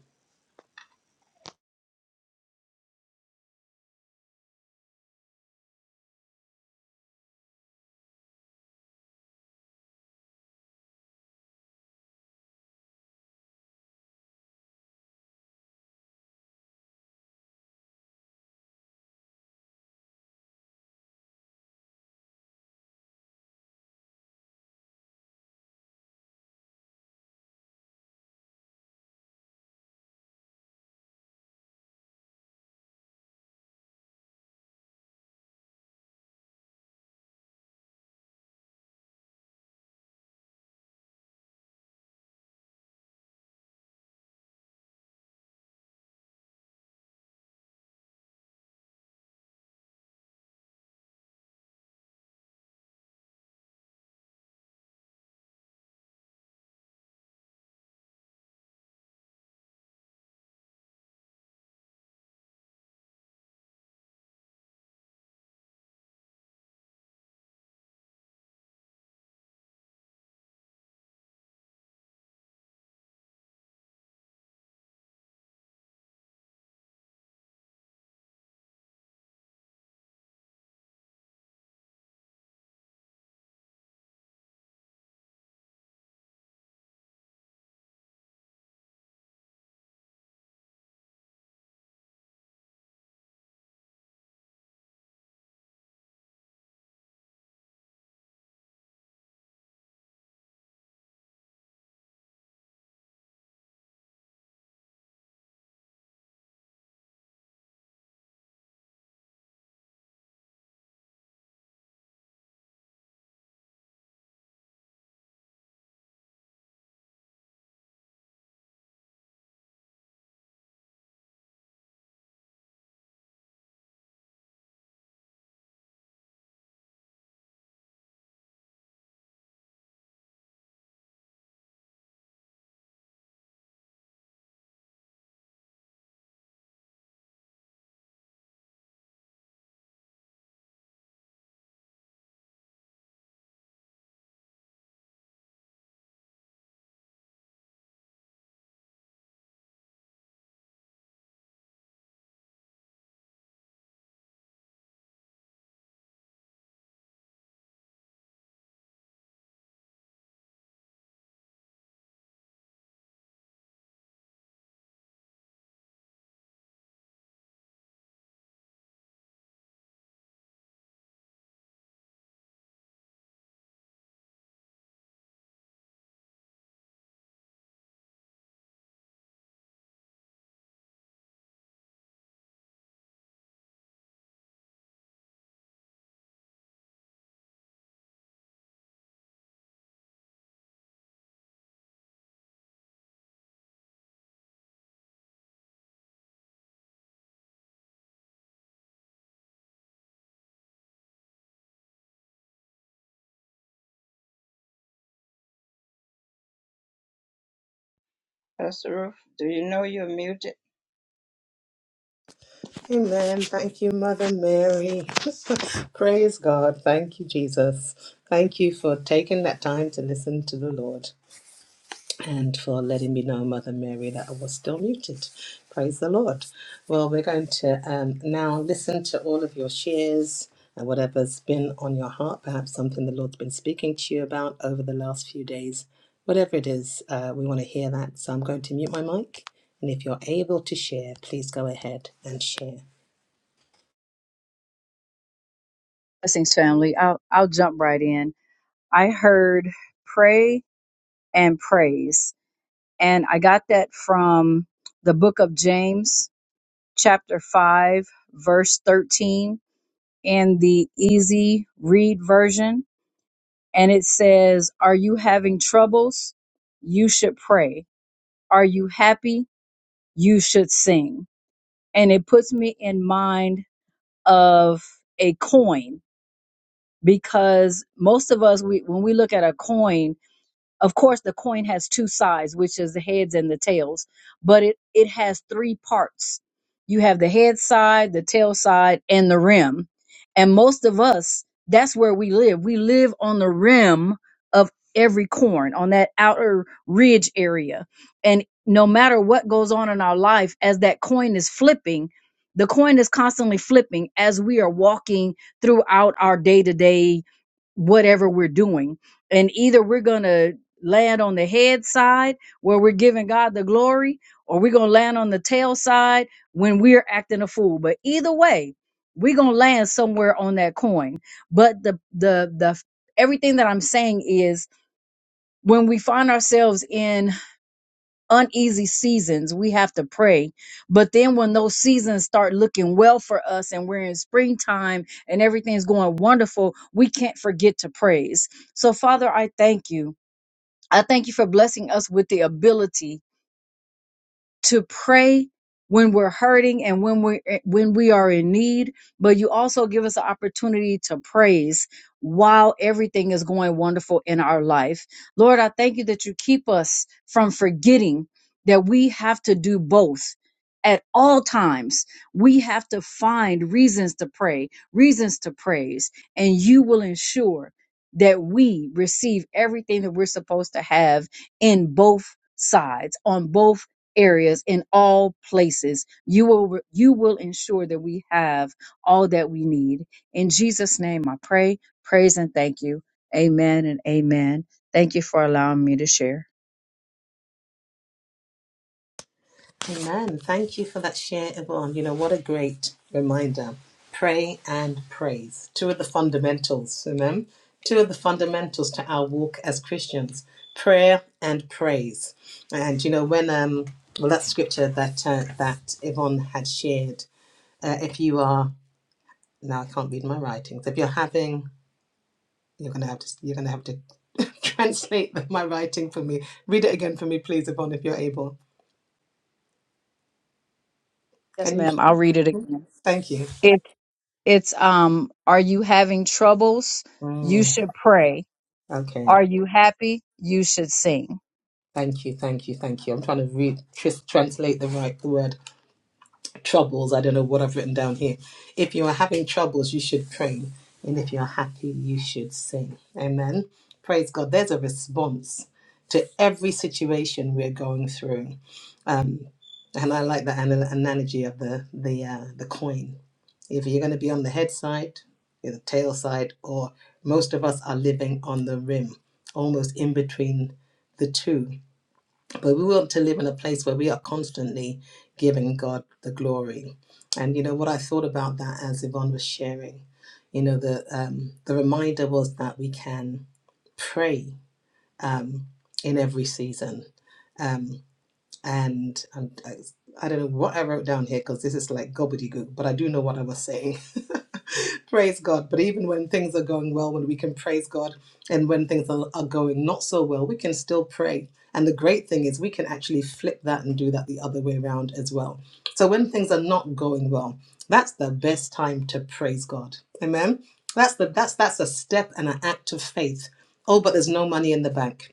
Speaker 1: Amen. Thank you, Mother Mary. Praise God. Thank you, Jesus. Thank you for taking that time to listen to the Lord. and for letting me know, Mother Mary, that I was still muted. Praise the Lord. Well, we're going to um, now listen to all of your shares and whatever's been on your heart, perhaps something the Lord's been speaking to you about over the last few days. Whatever it is, uh, we want to hear that. So I'm going to mute my mic. And if you're able to share, please go ahead and share.
Speaker 4: Blessings, family. I'll, I'll jump right in. I heard pray and praise, and I got that from the book of James, chapter 5, verse 13, in the easy read version. And it says, Are you having troubles? You should pray. Are you happy? You should sing. And it puts me in mind of a coin because most of us, we, when we look at a coin, Of course, the coin has two sides, which is the heads and the tails, but it, it has three parts. You have the head side, the tail side, and the rim. And most of us, that's where we live. We live on the rim of every coin, on that outer ridge area. And no matter what goes on in our life, as that coin is flipping, the coin is constantly flipping as we are walking throughout our day to day, whatever we're doing and either we're gonna land on the head side where we're giving God the glory, or we're going to land on the tail side when we're acting a fool. But either way, we're going to land somewhere on that coin. But the, the, the, everything that I'm saying is when we find ourselves in uneasy seasons, we have to pray. But then when those seasons start looking well for us and we're in springtime and everything's going wonderful, we can't forget to praise. So, Father, I thank you. I thank you for blessing us with the ability, to pray when we're hurting and when we are when we are in need but you also give us the opportunity to praise while everything is going wonderful in our life lord i thank you that you keep us from forgetting that we have to do both at all times we have to find reasons to pray reasons to praise and you will ensure that we receive everything that we're supposed to have in both sides on both areas in all places you will you will ensure that we have all that we need in jesus name i pray praise and thank you amen and amen thank you for allowing me to share
Speaker 1: Amen. Thank you for that share, Yvonne. You know, what a great reminder. Pray and praise. Two of the fundamentals. Amen. Two of the fundamentals to our walk as Christians prayer and praise. And, you know, when, um, well, that scripture that, uh, that Yvonne had shared, uh, if you are, now I can't read my writings, if you're having, you're going to have to, you're going to have to translate my writing for me. Read it again for me, please, Yvonne, if you're able.
Speaker 4: yes
Speaker 1: Can you?
Speaker 4: ma'am i'll read it again
Speaker 1: Thank you.
Speaker 4: it it's um are you having troubles you
Speaker 1: Mm.
Speaker 4: should pray
Speaker 1: Okay.
Speaker 4: are you happy you should sing
Speaker 1: Thank you, thank you, thank you. I'm trying to re- tr- translate the right word. Troubles. I don't know what I've written down here. If you are having troubles, you should pray. And if you're happy, you should sing. Amen. Praise God. There's a response to every situation we're going through. Um, and I like that ana- analogy of the, the, uh, the coin. If you're going to be on the head side, you're the tail side, or most of us are living on the rim, almost in between the two But we want to live in a place where we are constantly giving God the glory. And you know what I thought about that as Yvonne was sharing, you know, the um, the reminder was that we can pray um, in every season. Um, and um, I, I don't know what I wrote down here because this is like gobbledygook, but I do know what I was saying. praise God. But even when things are going well, when we can praise God, and when things are, are going not so well, we can still pray. And the great thing is, we can actually flip that and do that the other way around as well. So when things are not going well, that's the best time to praise God. Amen. That's the that's that's a step and an act of faith. Oh, but there's no money in the bank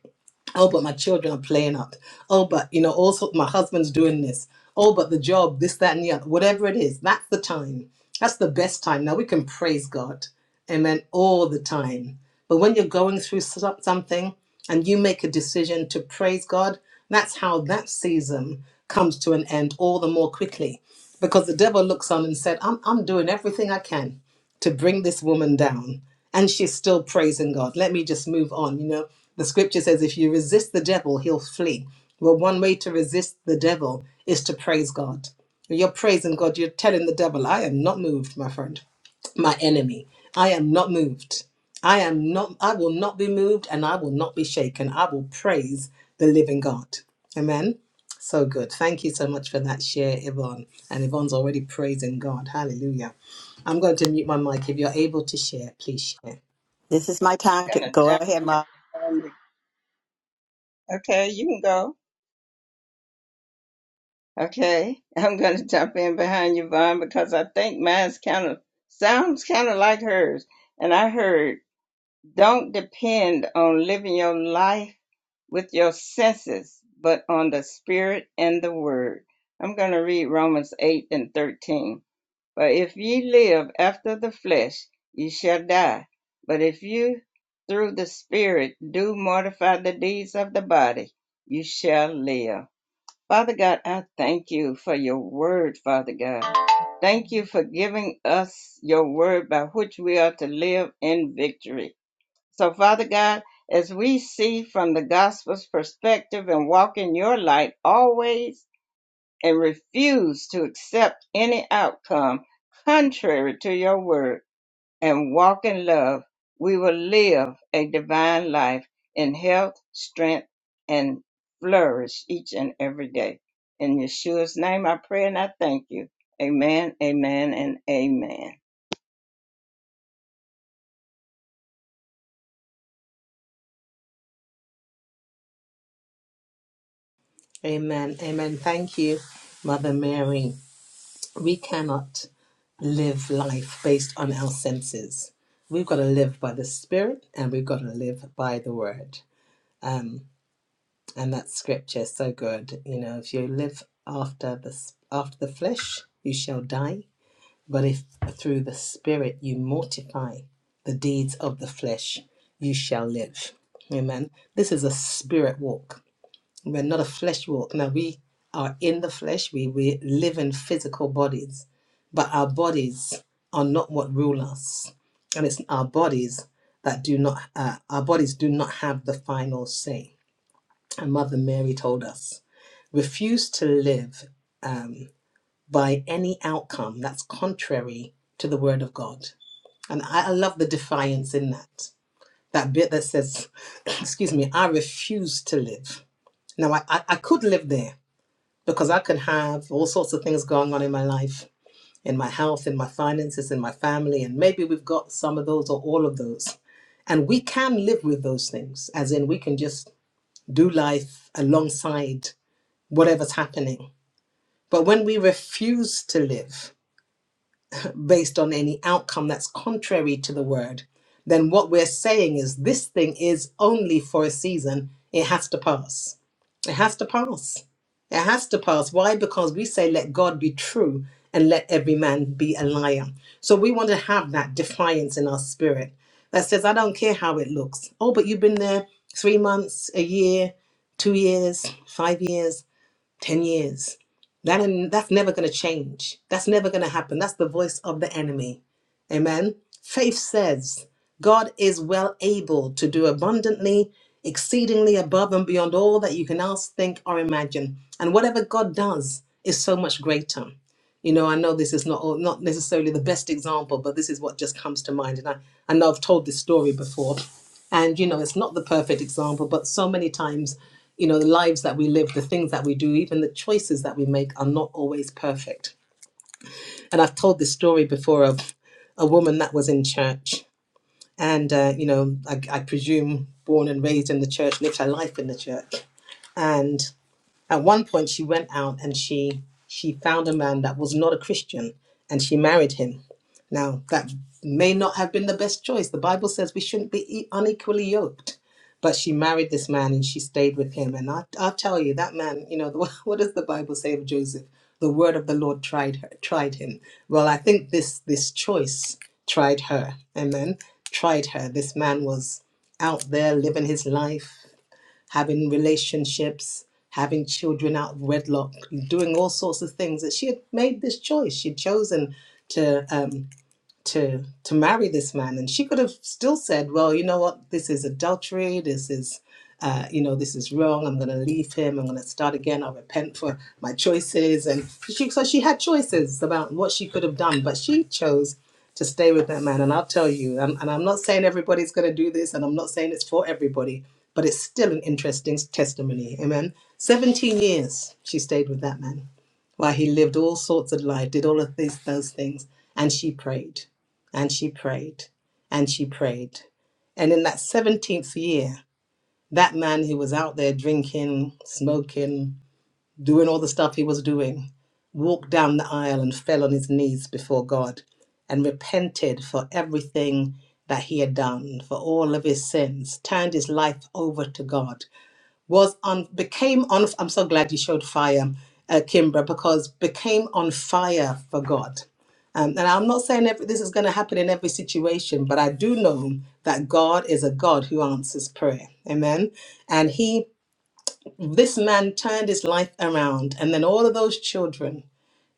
Speaker 1: oh but my children are playing up oh but you know also my husband's doing this oh but the job this that and the other whatever it is that's the time that's the best time now we can praise god amen all the time but when you're going through so- something and you make a decision to praise god that's how that season comes to an end all the more quickly because the devil looks on and said i'm, I'm doing everything i can to bring this woman down and she's still praising god let me just move on you know the scripture says if you resist the devil he'll flee well one way to resist the devil is to praise god you're praising god you're telling the devil i am not moved my friend my enemy i am not moved i am not i will not be moved and i will not be shaken i will praise the living god amen so good thank you so much for that share yvonne and yvonne's already praising god hallelujah I'm going to mute my mic. If you're able to share, please share. Amen. Amen. Thank you, Mother Mary. We cannot live life based on our senses. We've got to live by the Spirit and we've got to live by the Word. Um, and that scripture is so good. You know, if you live after the, after the flesh, you shall die. But if through the Spirit you mortify the deeds of the flesh, you shall live. Amen. This is a spirit walk We're not a flesh walk. Now we are in the flesh. We we live in physical bodies, but our bodies are not what rule us, and it's our bodies that do not. Uh, our bodies do not have the final say. And Mother Mary told us, refuse to live um, by any outcome that's contrary to the Word of God. And I, I love the defiance in that. That bit that says, excuse me, I refuse to live. Now I, I, I could live there because I could have all sorts of things going on in my life, in my health, in my finances, in my family, and maybe we've got some of those or all of those. And we can live with those things, as in we can just do life alongside whatever's happening. But when we refuse to live, based on any outcome that's contrary to the word, then what we're saying is this thing is only for a season. It has to pass. It has to pass. It has to pass. Why? Because we say, let God be true and let every man be a liar. So we want to have that defiance in our spirit that says, I don't care how it looks. Oh, but you've been there three months, a year, two years, five years. 10 years. That, in- that's never going to change. That's never going to happen. That's the voice of the enemy. Amen. Faith says God is well able to do abundantly, exceedingly above and beyond all that you can ask, think, or imagine. And whatever God does is so much greater. You know, I know this is not not necessarily the best example, but this is what just comes to mind. And I, I know I've told this story before, and you know, it's not the perfect example, but so many times, you know, the lives that we live, the things that we do, even the choices that we make are not always perfect. And I've told this story before of a woman that was in church, and uh, you know, I, I presume born and raised in the church, lived her life in the church, and. At one point, she went out and she she found a man that was not a Christian, and she married him. Now that may not have been the best choice. The Bible says we shouldn't be e- unequally yoked, but she married this man and she stayed with him. And I, I'll tell you, that man, you know, what does the Bible say of Joseph? The word of the Lord tried her, tried him. Well, I think this this choice tried her. Amen. Tried her. This man was out there living his life having relationships, having children out of wedlock, doing all sorts of things. That she had made this choice. She'd chosen to. Um, to to marry this man and she could have still said well you know what this is adultery this is uh, you know this is wrong i'm going to leave him i'm going to start again i'll repent for my choices and she so she had choices about what she could have done but she chose to stay with that man and i'll tell you and, and i'm not saying everybody's going to do this and i'm not saying it's for everybody but it's still an interesting testimony amen 17 years she stayed with that man why he lived all sorts of life, did all of these those things, and she prayed, and she prayed, and she prayed, and in that seventeenth year, that man who was out there drinking, smoking, doing all the stuff he was doing, walked down the aisle and fell on his knees before God, and repented for everything that he had done, for all of his sins, turned his life over to God was on became on i'm so glad you showed fire uh, kimbra because became on fire for god um, and i'm not saying every, this is going to happen in every situation but i do know that god is a god who answers prayer amen and he this man turned his life around and then all of those children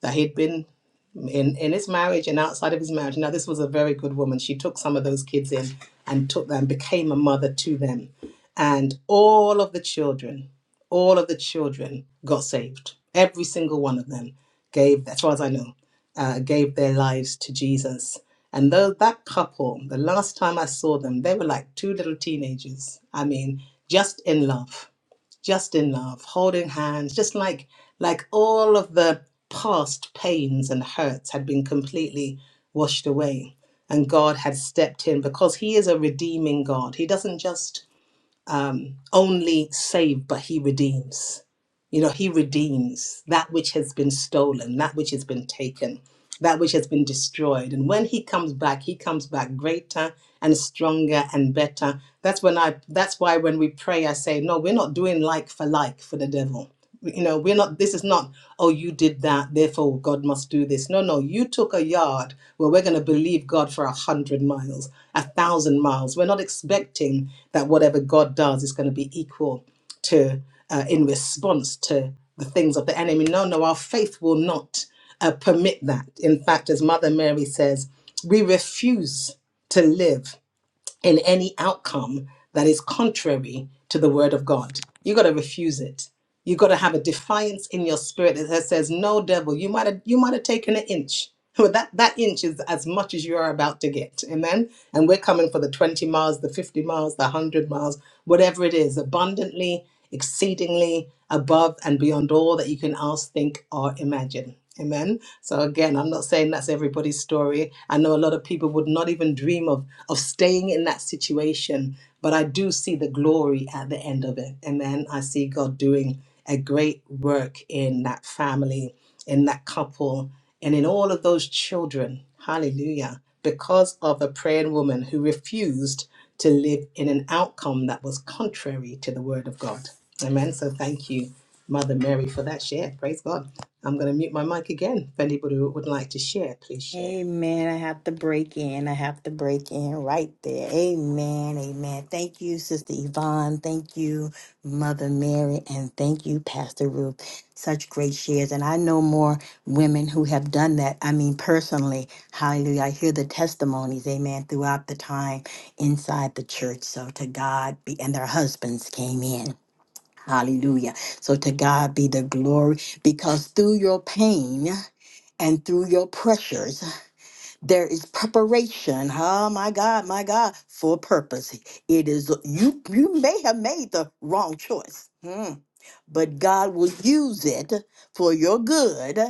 Speaker 1: that he'd been in in his marriage and outside of his marriage. Now, this was a very good woman. She took some of those kids in and took them, became a mother to them, and all of the children, all of the children got saved. Every single one of them gave, as far as I know, uh, gave their lives to Jesus. And though that couple, the last time I saw them, they were like two little teenagers. I mean, just in love just in love, holding hands, just like like all of the past pains and hurts had been completely washed away, and God had stepped in because He is a redeeming God. He doesn't just um, only save, but He redeems. You know, He redeems that which has been stolen, that which has been taken that which has been destroyed. And when he comes back, he comes back greater and stronger and better. That's when I that's why when we pray, I say, No, we're not doing like for like for the devil. You know, we're not this is not, oh, you did that, therefore God must do this. No, no, you took a yard. Well, we're gonna believe God for a hundred miles, a thousand miles. We're not expecting that whatever God does is gonna be equal to uh, in response to the things of the enemy. No, no, our faith will not uh, permit that. In fact, as Mother Mary says, we refuse to live in any outcome that is contrary to the word of God. You got to refuse it. You got to have a defiance in your spirit that says, "No, devil, you might have you might have taken an inch." But that, that inch is as much as you are about to get. Amen. And we're coming for the 20 miles, the 50 miles, the 100 miles, whatever it is, abundantly, exceedingly, above and beyond all that you can ask, think, or imagine. Amen. So again, I'm not saying that's everybody's story. I know a lot of people would not even dream of of staying in that situation, but I do see the glory at the end of it. Amen. I see God doing a great work in that family, in that couple, and in all of those children. Hallelujah. Because of a praying woman who refused to live in an outcome that was contrary to the word of God. Amen. So thank you Mother Mary, for that share. Praise God. I'm going to mute my mic again. If anybody who would like to share, please share.
Speaker 3: Amen. I have to break in. I have to break in right there. Amen. Amen. Thank you, Sister Yvonne. Thank you, Mother Mary. And thank you, Pastor Ruth. Such great shares. And I know more women who have done that. I mean, personally, hallelujah. I hear the testimonies, amen, throughout the time inside the church. So to God be, and their husbands came in. Hallelujah. So to God be the glory because through your pain, and through your pressures there is preparation oh my god my god for purpose it is you you may have made the wrong choice Hmm. but god will use it for your good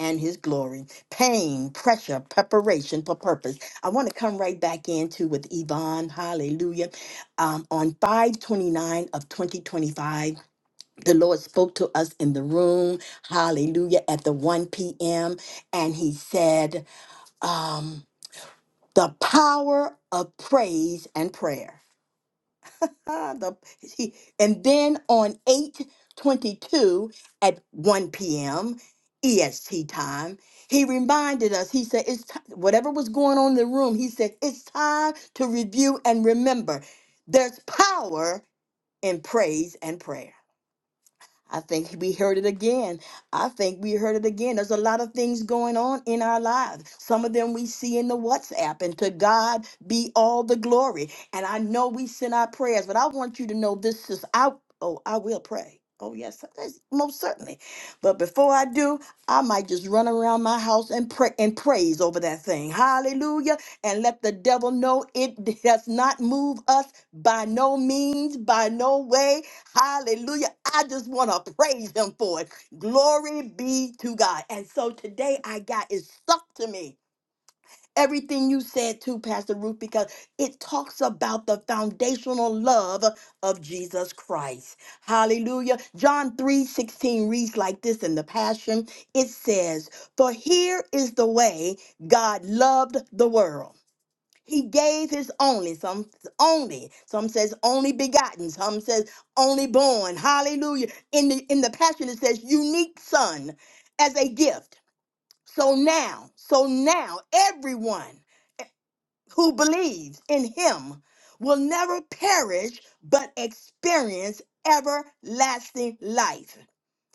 Speaker 3: and his glory pain pressure preparation for purpose i want to come right back into with yvonne hallelujah um, on 529 of 2025 the lord spoke to us in the room hallelujah at the 1 p.m and he said um, the power of praise and prayer. Ah, the- he- and then on 8:22 at 1 p.m. EST time, he reminded us. He said, "It's ti- whatever was going on in the room." He said, "It's time to review and remember. There's power in praise and prayer." I think we heard it again. I think we heard it again. There's a lot of things going on in our lives. Some of them we see in the WhatsApp, and to God be all the glory. And I know we send our prayers, but I want you to know this is out. Oh, I will pray. Oh, yes, that's- most certainly. But before I do, I might just run around my house and pray and praise over that thing. Hallelujah. And let the devil know it does not move us by no means, by no way. Hallelujah. I just want to praise him for it. Glory be to God. And so today I got it stuck to me. Everything you said too, Pastor Ruth, because it talks about the foundational love of Jesus Christ. Hallelujah. John 3 16 reads like this in the Passion. It says, For here is the way God loved the world he gave his only, some only, some says only begotten, some says only born. Hallelujah. In the in the passion it says unique son as a gift. So now, so now everyone who believes in him will never perish but experience everlasting life.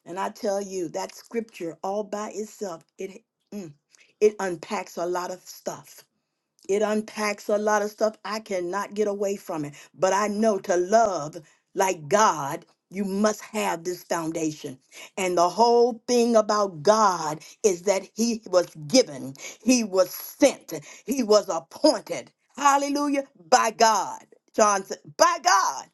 Speaker 3: And I tell you, that scripture all by itself, it mm, it unpacks a lot of stuff it unpacks a lot of stuff. I cannot get away from it. But I know to love like God, you must have this foundation. And the whole thing about God is that He was given, He was sent, He was appointed. Hallelujah. By God. John said, by God.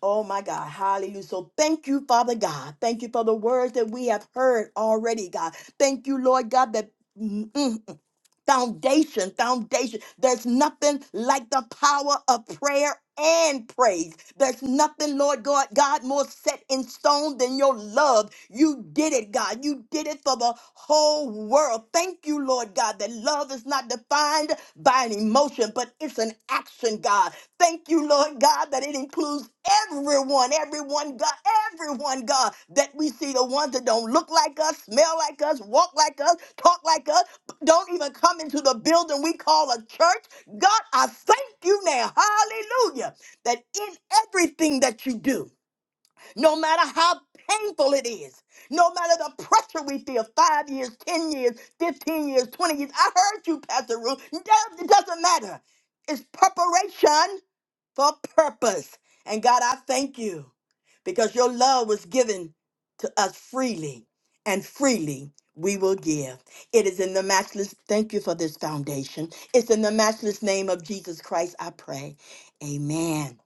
Speaker 3: Oh my God. Hallelujah. So thank you, Father God. Thank you for the words that we have heard already, God. Thank you, Lord God, that. mm, mm, Foundation, foundation. There's nothing like the power of prayer and praise. There's nothing, Lord God, God, more set in stone than your love. You did it, God. You did it for the whole world. Thank you, Lord God, that love is not defined by an emotion, but it's an action, God. Thank you, Lord God, that it includes everyone, everyone, God, everyone, God, that we see the ones that don't look like us, smell like us, walk like us, talk like us don't even come into the building we call a church. God, I thank you now, hallelujah, that in everything that you do, no matter how painful it is, no matter the pressure we feel, five years, 10 years, 15 years, 20 years, I heard you, Pastor Ruth, no, it doesn't matter. It's preparation for purpose. And God, I thank you because your love was given to us freely, and freely we will give. It is in the matchless, thank you for this foundation. It's in the matchless name of Jesus Christ, I pray. Amen.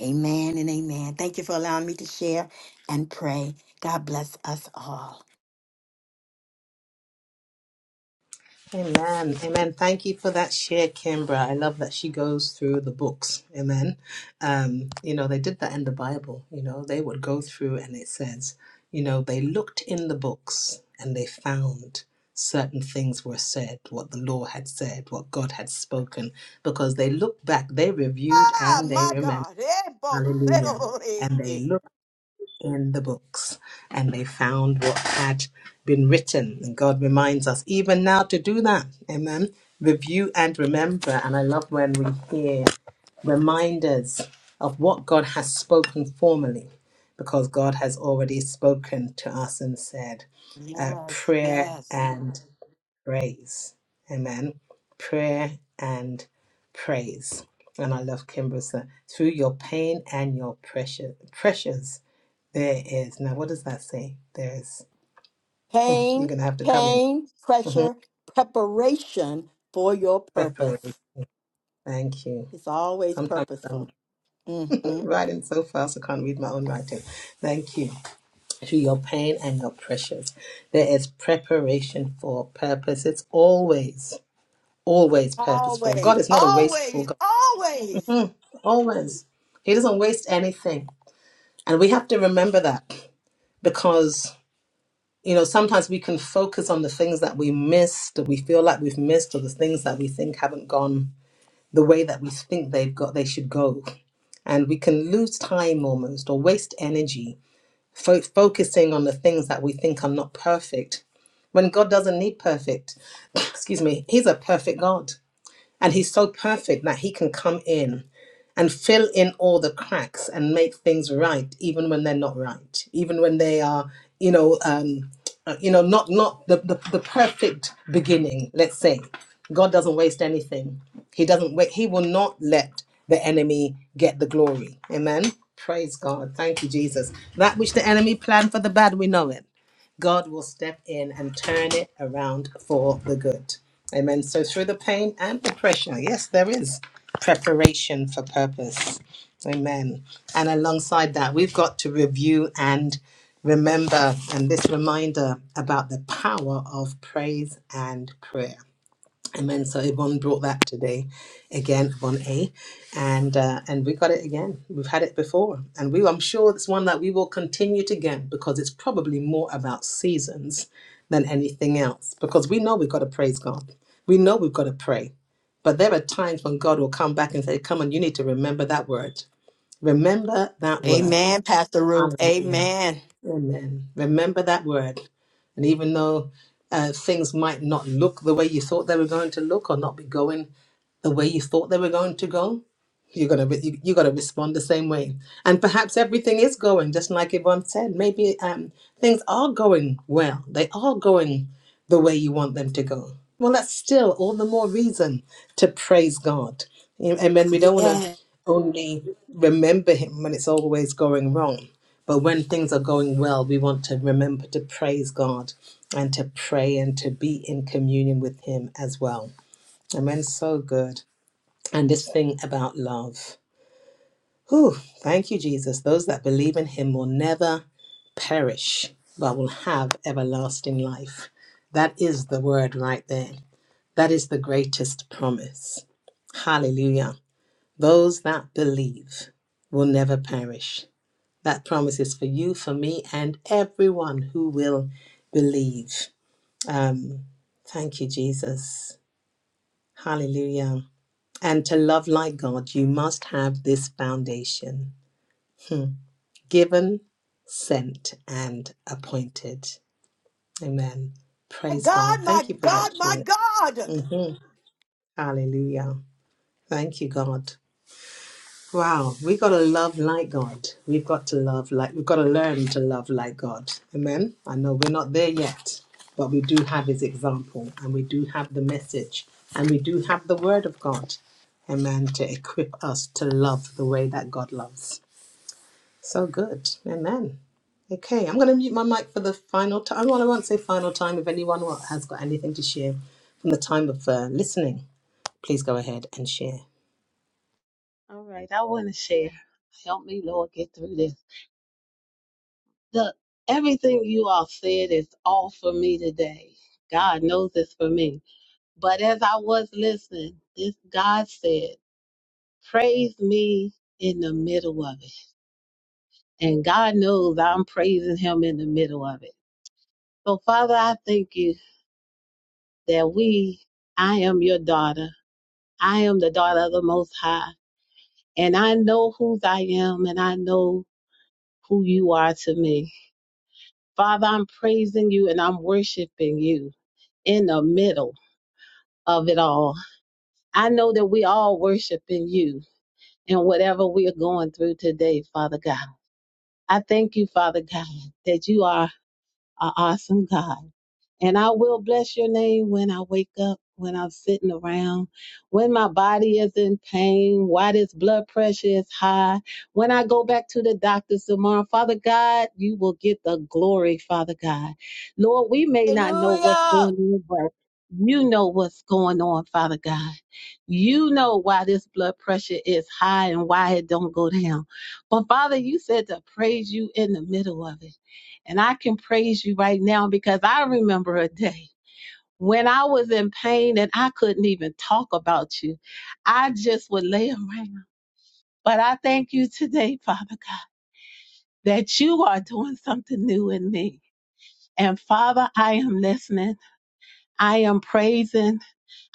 Speaker 3: Amen and amen. Thank you for allowing me to share and pray. God bless us all.
Speaker 1: Amen. Amen. Thank you for that share, Kimbra. I love that she goes through the books. Amen. Um, you know, they did that in the Bible. You know, they would go through and it says, you know, they looked in the books and they found certain things were said, what the law had said, what God had spoken, because they looked back, they reviewed
Speaker 3: Ah,
Speaker 1: and they
Speaker 3: my
Speaker 1: remembered.
Speaker 3: God. Eh, bo- se- ro-
Speaker 1: Hallelujah.
Speaker 3: ro- re-
Speaker 1: And they
Speaker 3: ki.
Speaker 1: looked in the books, and they found what had been written. And God reminds us even now to do that. Amen. Review and remember. And I love when we hear reminders of what God has spoken formerly, because God has already spoken to us and said, uh,
Speaker 3: Yes,
Speaker 1: prayer
Speaker 3: yes.
Speaker 1: and praise. Amen. Prayer and praise. And I love Kimber, so through your pain and your pressure, pressures there is. Now, what does that say? There's. You're
Speaker 3: Pain,
Speaker 1: going to have to come in.
Speaker 3: pain,
Speaker 1: hmm
Speaker 3: pressure, preparation for your purpose.
Speaker 1: Preparation. Thank you.
Speaker 3: It's always
Speaker 1: Sometimes I'm
Speaker 3: purposeful. Mm-mm.
Speaker 1: writing so fast I can't read my own writing. Thank you. Through your pain and your pressures, there is preparation for purpose. It's always, always purposeful.
Speaker 3: Always,
Speaker 1: God is not a wasteful
Speaker 3: always,
Speaker 1: God.
Speaker 3: always.
Speaker 1: Always. He doesn't waste anything. And we have to remember that because, you know, sometimes we can focus on the things that we missed, that we feel like we've missed, or the things that we think haven't gone the way that we think they've got they should go and we can lose time almost or waste energy fo- focusing on the things that we think are not perfect when god doesn't need perfect excuse me he's a perfect god and he's so perfect that he can come in and fill in all the cracks and make things right, even when they're not right, even when they are, you know, um, uh, you know, not not the, the the perfect beginning. Let's say God doesn't waste anything. He doesn't wait. He will not let the enemy get the glory. Amen. Praise God. Thank you, Jesus. That which the enemy planned for the bad, we know it God will step in and turn it around for the good. Amen. So, through the pain and the pressure, yes, there is preparation for purpose. Amen. And alongside that, we've got to review and remember, and this reminder about the power of praise and prayer. Amen. So Yvonne brought that today again, Yvonne A. And uh, and we got it again. We've had it before. And we I'm sure it's one that we will continue to get because it's probably more about seasons than anything else. Because we know we've got to praise God. We know we've got to pray. But there are times when God will come back and say, Come on, you need to remember that word. Remember that word.
Speaker 3: Amen, Pastor Ruth.
Speaker 1: Hallelujah.
Speaker 3: Amen.
Speaker 1: Amen. Remember that word. And even though uh, things might not look the way you thought they were going to look or not be going the way you thought they were going to go, you're gonna re- you, you're gonna respond the same way. And perhaps everything is going just like Yvonne said. Maybe um, things are going well. They are going the way you want them to go. Well, that's still all the more reason to praise God. You know, And then we don't want to
Speaker 3: Yes.
Speaker 1: only remember Him when it's always going wrong, but when things are going well, we want to remember to praise God and to pray and to be in communion with Him as well. Amen. So good. And this thing about love. Whew, thank you, Jesus. Those that believe in him will never perish, but will have everlasting life. That is the word right there. That is the greatest promise. Hallelujah. Those that believe will never perish. That promise is for you, for me, and everyone who will believe. Um, thank you, Jesus. Hallelujah. And to love like God, you must have this foundation. given, sent, and appointed. Amen.
Speaker 3: My
Speaker 1: Praise
Speaker 3: God,
Speaker 1: God.
Speaker 3: my
Speaker 1: Thank you for that
Speaker 3: God, my
Speaker 1: share.
Speaker 3: God.
Speaker 1: hmm Hallelujah. Thank you, God. Wow, we got to love like God. We've got to love like we've got to learn to love like God. Amen. I know we're not there yet, but we do have His example, and we do have the message, and we do have the Word of God. Amen. To equip us to love the way that God loves. So good. Amen. Okay, I'm going to mute my mic for the final time. Well, I won't say final time. If anyone wa- has got anything to share from the time of uh, listening, please go ahead and share.
Speaker 5: All right, I want to share. Help me, Lord, get through this. The everything you all said is all for me today. God knows it's for me. But as I was listening, this God said, "Praise me in the middle of it." And God knows I'm praising Him in the middle of it. So, Father, I thank you that we, I am your daughter. I am the daughter of the Most High, and I know whose I am, and I know who you are to me. Father, I'm praising you and I'm worshiping you in the middle of it all. I know that we all worshiping you in whatever we are going through today, Father God. I thank you, Father God, that you are are awesome God. And I will bless your name when I wake up, when I'm sitting around, when my body is in pain, why this blood pressure is high, when I go back to the doctors tomorrow. Father God, you will get the glory, Father God. Lord, we may not know what's
Speaker 3: Hallelujah.
Speaker 5: going on, but you know what's going on, Father God. You know why this blood pressure is high and why it don't go down. But Father, you said to praise you in the middle of it. And I can praise you right now because I remember a day when I was in pain and I couldn't even talk about you. I just would lay around. But I thank you today, Father God, that you are doing something new in me. And Father, I am listening. I am praising.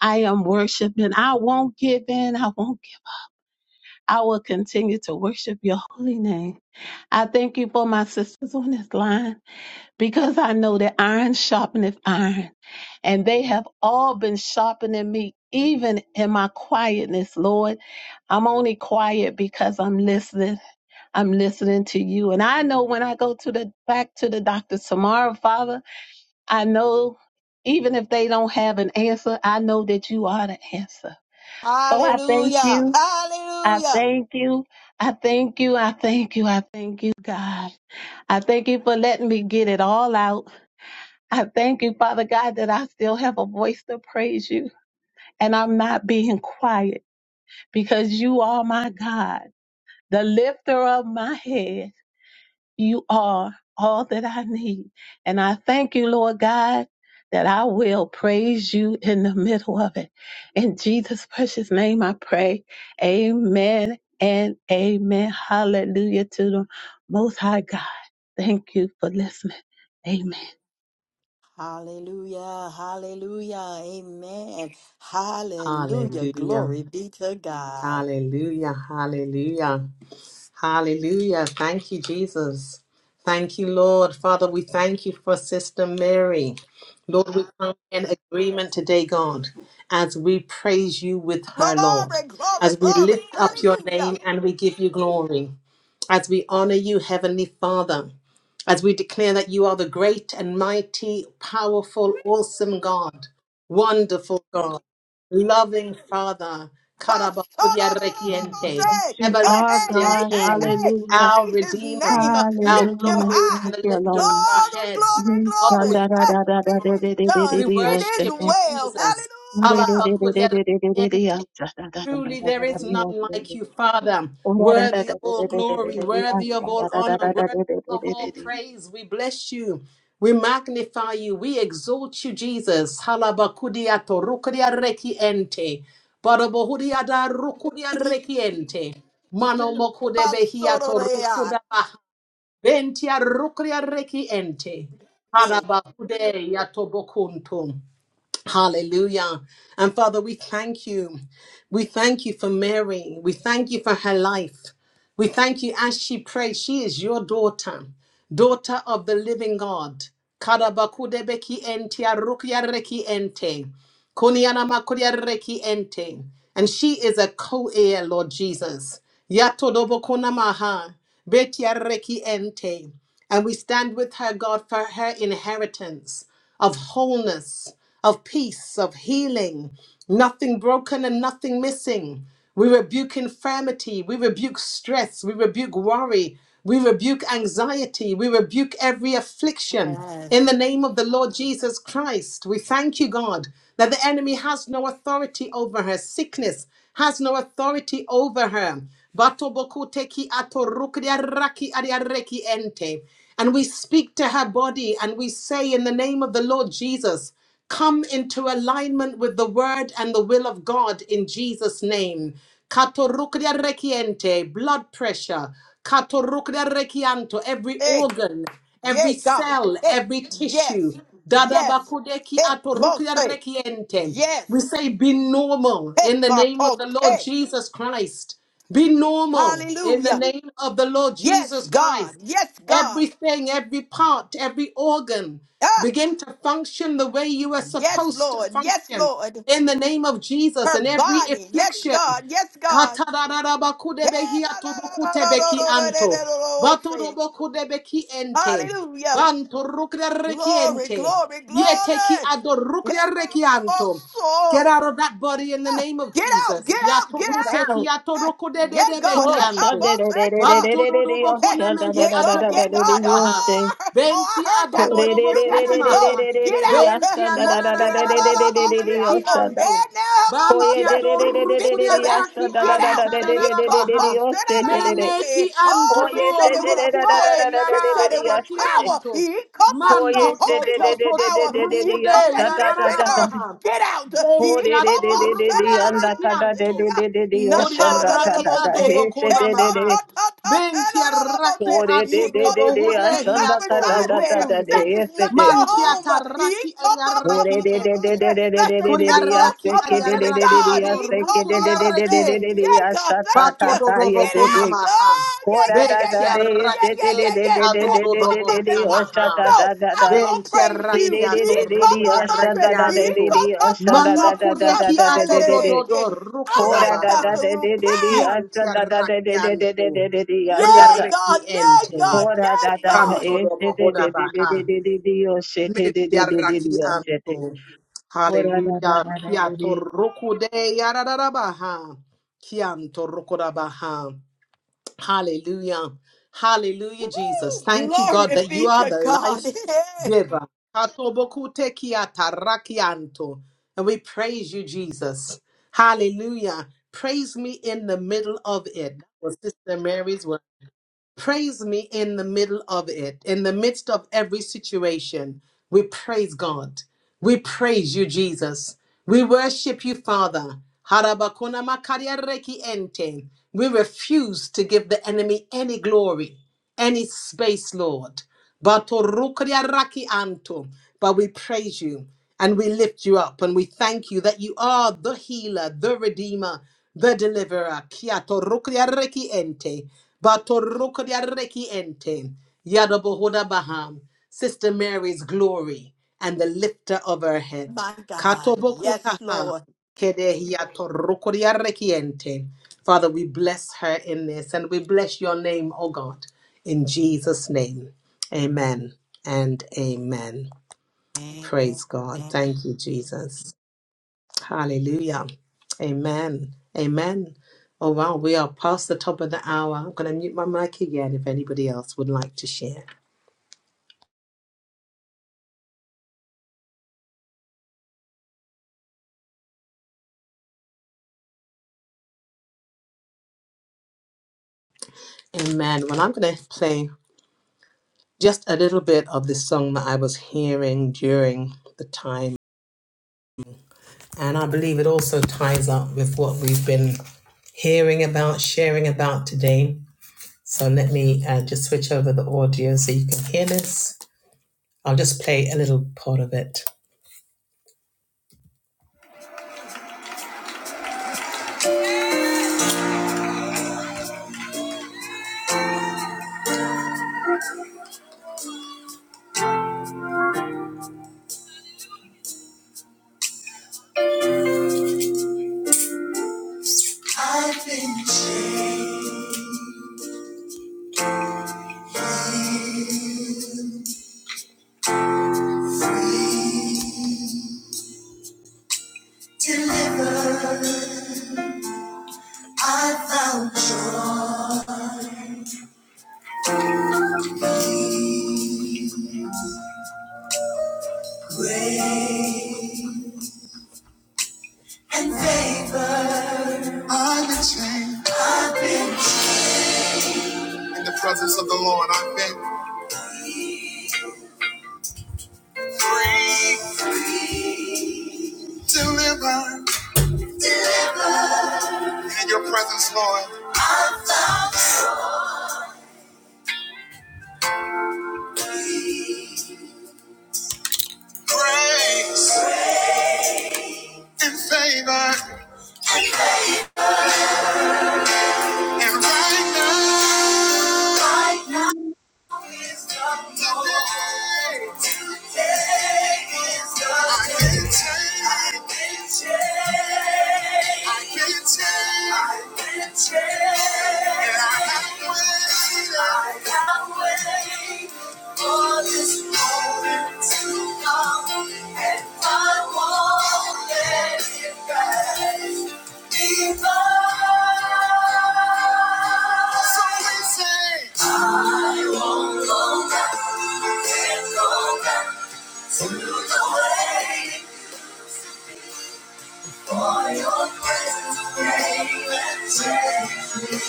Speaker 5: I am worshiping. I won't give in. I won't. Give. I will continue to worship your holy name. I thank you for my sisters on this line because I know that iron sharpeneth iron. And they have all been sharpening me, even in my quietness, Lord. I'm only quiet because I'm listening. I'm listening to you. And I know when I go to the back to the doctor tomorrow, Father, I know even if they don't have an answer, I know that you are the answer. So I thank
Speaker 3: Hallelujah.
Speaker 5: you. I
Speaker 3: Hallelujah.
Speaker 5: thank you. I thank you. I thank you. I thank you, God. I thank you for letting me get it all out. I thank you, Father God, that I still have a voice to praise you and I'm not being quiet because you are my God, the lifter of my head. You are all that I need. And I thank you, Lord God, that I will praise you in the middle of it. In Jesus' precious name, I pray. Amen and amen. Hallelujah to the Most High God. Thank you for listening. Amen.
Speaker 3: Hallelujah. Hallelujah. Amen. Hallelujah.
Speaker 1: Hallelujah.
Speaker 3: Glory be to God.
Speaker 1: Hallelujah. Hallelujah. Hallelujah. Thank you, Jesus. Thank you, Lord. Father, we thank you for Sister Mary. Lord, we come in agreement today, God, as we praise you with her, Lord,
Speaker 3: Glory, glory,
Speaker 1: as we
Speaker 3: glory.
Speaker 1: lift up your
Speaker 3: Hallelujah.
Speaker 1: name and we give you glory, as we honor you, Heavenly Father, as we declare that you are the great and mighty, powerful, awesome God, wonderful God. Loving Father, Karabakuya Rekiente,
Speaker 5: Yes,
Speaker 3: Ba-sha-da-da-da-da-ba-day.
Speaker 5: you
Speaker 3: Hey,
Speaker 5: are
Speaker 3: hey,
Speaker 1: Everlasting
Speaker 3: hey,
Speaker 5: God.
Speaker 3: hey,
Speaker 1: King,
Speaker 3: hey.
Speaker 5: Hallelujah.
Speaker 1: our
Speaker 3: Praise his
Speaker 1: Redeemer,
Speaker 3: name.
Speaker 1: our
Speaker 3: Lift him
Speaker 5: Hallelujah.
Speaker 1: glory
Speaker 3: high.
Speaker 1: and
Speaker 5: Thank
Speaker 1: the
Speaker 5: you,
Speaker 1: lifter of
Speaker 5: Lord.
Speaker 1: our
Speaker 3: Glory,
Speaker 5: Now,
Speaker 1: heads.
Speaker 3: glory,
Speaker 1: Oh, we
Speaker 3: glory.
Speaker 1: thank
Speaker 3: Hey,
Speaker 1: you,
Speaker 3: it
Speaker 1: God.
Speaker 3: is done.
Speaker 1: We
Speaker 3: It is
Speaker 1: worship you,
Speaker 3: well.
Speaker 1: Jesus. Karabakuya Rekiente, Truly, there is none like you, Father. Worthy of all glory, worthy of all honor, worthy of all praise. We bless you. We magnify you. We exalt you, Jesus. Halabakudia torukudia rekiente. Barabohudia da rukudia
Speaker 3: Hallelujah.
Speaker 1: rekiente. Mano mokude behia
Speaker 3: Ba-sha-da-da-da.
Speaker 1: torukuda baha. Bentia rukudia rekiente.
Speaker 3: Okay.
Speaker 1: Harabakude yatobokuntum. Hallelujah. And Father, we thank you. We thank you for Mary. We thank you for her life. We thank you as she prays. She is your daughter, daughter of the living God. Karabakudebeki enti, arukyareki ente. Kuniana makuria reki ente. And she is a co-heir, Lord Jesus. Yatodobo kunamaha. Betia reki ente. And we stand with her, God, for her inheritance of wholeness, of peace, of healing, nothing broken and nothing missing. We rebuke infirmity. We rebuke stress. We rebuke worry. We rebuke anxiety. We rebuke every affliction. In the name of the Lord Jesus Christ, we thank you, God, that the enemy has no authority over her. Sickness has no authority over her. Batobokoteki atorukriaraki ariareki ente. And we speak to her body and we say, in the name of the Lord Jesus, Come into alignment with the word and the will of God in Jesus' name. Katorukria rekiente, blood pressure. Katorukria rekianto, every
Speaker 3: Hey,
Speaker 1: organ,
Speaker 3: yeah,
Speaker 1: every
Speaker 3: God.
Speaker 1: cell,
Speaker 3: Hey,
Speaker 1: every tissue.
Speaker 3: yes, yes.
Speaker 1: Dadabakudeki
Speaker 3: Hey, mote!
Speaker 1: atorukria rekiente. We
Speaker 3: Yes.
Speaker 1: say, be normal
Speaker 3: Hey,
Speaker 1: in the name of the Lord
Speaker 3: ba-ba-day.
Speaker 1: Jesus Christ. Be normal in
Speaker 3: Hallelujah.
Speaker 1: the name of the Lord
Speaker 3: Yes,
Speaker 1: Jesus
Speaker 3: God.
Speaker 1: Christ.
Speaker 3: Yes, God.
Speaker 1: Everything, every part, every organ
Speaker 3: Ah,
Speaker 1: begin to function the way you are
Speaker 3: yes,
Speaker 1: supposed to
Speaker 3: Lord. Yes,
Speaker 1: function
Speaker 3: Lord.
Speaker 1: in the name of Jesus
Speaker 3: Her
Speaker 1: and every
Speaker 3: body. Yes,
Speaker 1: affliction.
Speaker 3: God. Yes, God. Yeah,
Speaker 1: Katararabakudebeki
Speaker 3: da, da, da, da, da, da,
Speaker 1: atobokutebeki
Speaker 3: da, da,
Speaker 1: anto.
Speaker 3: da, da, da, say.
Speaker 1: Batorobokudebeki ente.
Speaker 3: Hallelujah.
Speaker 1: Bantorukdereki
Speaker 3: Glory,
Speaker 1: ente.
Speaker 3: glory,
Speaker 1: Yeteki
Speaker 3: glory. Yeah, ba,
Speaker 1: adorukdereki
Speaker 3: ba, ba,
Speaker 1: anto. Get
Speaker 3: so.
Speaker 1: out of that body in the
Speaker 3: Ah,
Speaker 1: name of
Speaker 3: Get out, get
Speaker 1: Jesus.
Speaker 3: out, get out.
Speaker 1: Yatokuteki
Speaker 3: Ah, Yeah, God.
Speaker 1: atorokudededebehi
Speaker 5: oh,
Speaker 3: Ah, ta,
Speaker 1: anto.
Speaker 3: ba,
Speaker 5: Shanda,
Speaker 3: say, ta.
Speaker 1: Bantododobo
Speaker 3: Heh,
Speaker 1: kunemehi
Speaker 3: Yeah, God, yeah, God. Oh,
Speaker 1: atobokutabaha.
Speaker 3: I heard, oh, I
Speaker 1: Benti
Speaker 3: heard that one.
Speaker 1: adododobo
Speaker 3: You got to
Speaker 1: kunamaha.
Speaker 3: go. Get out. Heh,
Speaker 1: Benti
Speaker 3: Montino, no, no,
Speaker 1: adadadadadaba
Speaker 3: no, be out.
Speaker 1: kunemeki
Speaker 3: Oh,
Speaker 1: anto.
Speaker 3: eh, now, help, oh, oh,
Speaker 1: Banti
Speaker 3: say, We speak
Speaker 1: adorukuria
Speaker 3: to that.
Speaker 1: raki
Speaker 3: Get out. He
Speaker 1: antadadadabaha.
Speaker 3: composed it out of the
Speaker 1: Meneki
Speaker 3: mountain.
Speaker 1: anto
Speaker 3: Oh, she
Speaker 1: do
Speaker 5: Koye
Speaker 3: said it
Speaker 5: şede
Speaker 3: with
Speaker 5: de de de
Speaker 1: rukude
Speaker 5: de
Speaker 3: authority. She
Speaker 5: de de
Speaker 1: yara
Speaker 5: de de
Speaker 3: said
Speaker 5: de
Speaker 3: it with
Speaker 5: yaş
Speaker 1: raki
Speaker 5: dedi.
Speaker 3: power.
Speaker 1: anto.
Speaker 3: He composed the
Speaker 1: Manto
Speaker 5: Koye
Speaker 1: to
Speaker 3: Holy
Speaker 5: şede
Speaker 1: to
Speaker 5: de
Speaker 3: Ghost
Speaker 5: de
Speaker 1: to
Speaker 5: de
Speaker 1: to
Speaker 3: power.
Speaker 5: de de
Speaker 3: He
Speaker 5: de de
Speaker 1: rukude
Speaker 5: yaş
Speaker 3: composed that
Speaker 5: da da
Speaker 1: yara
Speaker 3: lives
Speaker 5: da
Speaker 3: in
Speaker 5: da
Speaker 3: her.
Speaker 5: da.
Speaker 1: rarabaha.
Speaker 3: Get out. He
Speaker 1: Benti
Speaker 5: Kore de de de
Speaker 3: composed
Speaker 5: de de
Speaker 3: it
Speaker 1: adorukuria
Speaker 3: out of the
Speaker 5: yanda
Speaker 1: reki
Speaker 5: kada de
Speaker 1: anto.
Speaker 5: de
Speaker 3: mountain.
Speaker 5: de de de
Speaker 3: Not
Speaker 1: Kodia
Speaker 3: a da
Speaker 5: yaşanda
Speaker 3: da
Speaker 5: da
Speaker 3: da
Speaker 1: raki
Speaker 5: da da.
Speaker 3: about there.
Speaker 1: adobo
Speaker 5: He
Speaker 3: Hee
Speaker 1: kona
Speaker 5: şede
Speaker 3: ta
Speaker 5: de de.
Speaker 1: mahan.
Speaker 3: ta ta ta ta da
Speaker 1: Bentia
Speaker 3: da da about
Speaker 1: raki
Speaker 3: there.
Speaker 5: Kore
Speaker 3: Ye
Speaker 5: de de
Speaker 3: cause
Speaker 1: atodobo
Speaker 5: de de
Speaker 3: that you
Speaker 1: hude
Speaker 3: cannot
Speaker 5: yaşanda
Speaker 1: hiato
Speaker 5: kada
Speaker 3: reside
Speaker 5: da da
Speaker 3: there.
Speaker 5: da de.
Speaker 3: That
Speaker 1: rukuntum.
Speaker 3: is
Speaker 5: He
Speaker 3: not
Speaker 5: şede.
Speaker 3: your
Speaker 1: Mantia
Speaker 3: home. Ye
Speaker 1: taraki
Speaker 3: ba
Speaker 1: aria
Speaker 3: ba ba ba
Speaker 5: Kore de
Speaker 3: ba ba
Speaker 5: de
Speaker 1: ente.
Speaker 5: de
Speaker 3: say
Speaker 5: de de de
Speaker 3: that's
Speaker 5: de
Speaker 3: the
Speaker 5: de de
Speaker 1: Kodia
Speaker 5: de
Speaker 3: temple
Speaker 5: yaş
Speaker 1: raki
Speaker 5: de
Speaker 3: of the
Speaker 5: ke
Speaker 1: aria
Speaker 5: de de
Speaker 3: living
Speaker 5: de de de
Speaker 3: God.
Speaker 5: yaş
Speaker 1: ado
Speaker 3: Ye
Speaker 5: de
Speaker 3: come
Speaker 5: ke
Speaker 3: ba
Speaker 5: de
Speaker 1: rukudia
Speaker 5: de
Speaker 3: ba
Speaker 5: de de
Speaker 1: reki
Speaker 5: de
Speaker 3: say.
Speaker 5: de de de
Speaker 1: ente.
Speaker 3: Yeah,
Speaker 5: yaş
Speaker 3: God,
Speaker 5: da da
Speaker 3: thank
Speaker 5: da
Speaker 1: Bato
Speaker 3: you.
Speaker 5: da ye
Speaker 1: dodobo
Speaker 3: Get
Speaker 5: de
Speaker 1: kona
Speaker 3: out.
Speaker 5: de.
Speaker 1: mahan.
Speaker 3: Oh yeah
Speaker 5: Kora
Speaker 3: yeah
Speaker 5: da
Speaker 3: yeah
Speaker 5: da da
Speaker 1: Bentia
Speaker 3: yeah
Speaker 5: de ye
Speaker 3: yeah
Speaker 1: raki
Speaker 3: yeah
Speaker 5: şede de
Speaker 3: yeah
Speaker 5: de
Speaker 1: edi
Speaker 3: yeah.
Speaker 5: de de de
Speaker 3: Hee
Speaker 5: de
Speaker 3: ba
Speaker 5: de
Speaker 1: adododobo
Speaker 3: ba.
Speaker 5: de de
Speaker 3: And
Speaker 1: kona
Speaker 5: yaş
Speaker 3: while
Speaker 5: da
Speaker 3: you
Speaker 1: mahan.
Speaker 3: go,
Speaker 5: da da
Speaker 3: I'm
Speaker 5: da.
Speaker 3: gonna
Speaker 1: Venti
Speaker 3: praise you.
Speaker 1: arrachiato
Speaker 3: Ye ba ba
Speaker 1: rocoli
Speaker 3: ba say. Ye
Speaker 1: arrechiantum.
Speaker 3: ta ta ta ta.
Speaker 1: Manoko de
Speaker 3: Not
Speaker 1: chi
Speaker 3: a
Speaker 1: ato
Speaker 3: little bit.
Speaker 1: dododo
Speaker 3: All
Speaker 1: ruco
Speaker 3: right,
Speaker 1: da
Speaker 3: Pastor Ruth, pray.
Speaker 1: Yanti arrakianto, uri
Speaker 3: Yay,
Speaker 5: Ora
Speaker 3: God.
Speaker 1: arreki
Speaker 3: Yay, God.
Speaker 1: ente,
Speaker 3: Yay,
Speaker 1: canto
Speaker 3: God.
Speaker 1: dopo hoda baha, metti arrakianto. Hallelujah, kia torroku de yararabaha, kianto rokodabaha. Hallelujah. Hallelujah,
Speaker 3: Woo,
Speaker 1: Jesus. Thank you, God,
Speaker 3: glory
Speaker 1: that
Speaker 3: be
Speaker 1: you are
Speaker 3: to
Speaker 1: the
Speaker 3: God.
Speaker 1: life
Speaker 3: Yeah.
Speaker 1: giver. Katobokuteki-atarakianto. And we praise you, Jesus. Hallelujah. Praise me in the middle of it. That was Sister Mary's word praise me in the middle of it, in the midst of every situation. We praise God. We praise you, Jesus. We worship you, Father. Harabakuna makaria reki ente. We refuse to give the enemy any glory, any space, Lord. Batorukria raki anto. But we praise you and we lift you up and we thank you that you are the healer, the redeemer, the deliverer. Kia torukria reki ente. Batorukria reki ente. Yadabohoda baham. Sister Mary's glory and the lifter of her head.
Speaker 3: My God. Yes,
Speaker 1: Katobokutaha.
Speaker 3: Lord.
Speaker 1: Kedehia torukria reki ente. Father, we bless her in this and we bless your name, O God, in Jesus' name. Amen and amen.
Speaker 3: Amen.
Speaker 1: Praise God.
Speaker 3: Amen.
Speaker 1: Thank you, Jesus. Hallelujah. Amen. Amen. Oh, wow. We are past the top of the hour. I'm going to mute my mic again if anybody else would like to share. Amen. Well, I'm going to play just a little bit of this song that I was hearing during the time. And I believe it also ties up with what we've been hearing about, sharing about today. So let me uh, just switch over the audio so you can hear this. I'll just play a little part of it. In the presence of the Lord, I've been free, delivered. In your presence, Lord, grace and favor. And right now, right now. Divine. So we sing. I won't go back, can't go back to the way. it used to be. For your presence, came and changed me.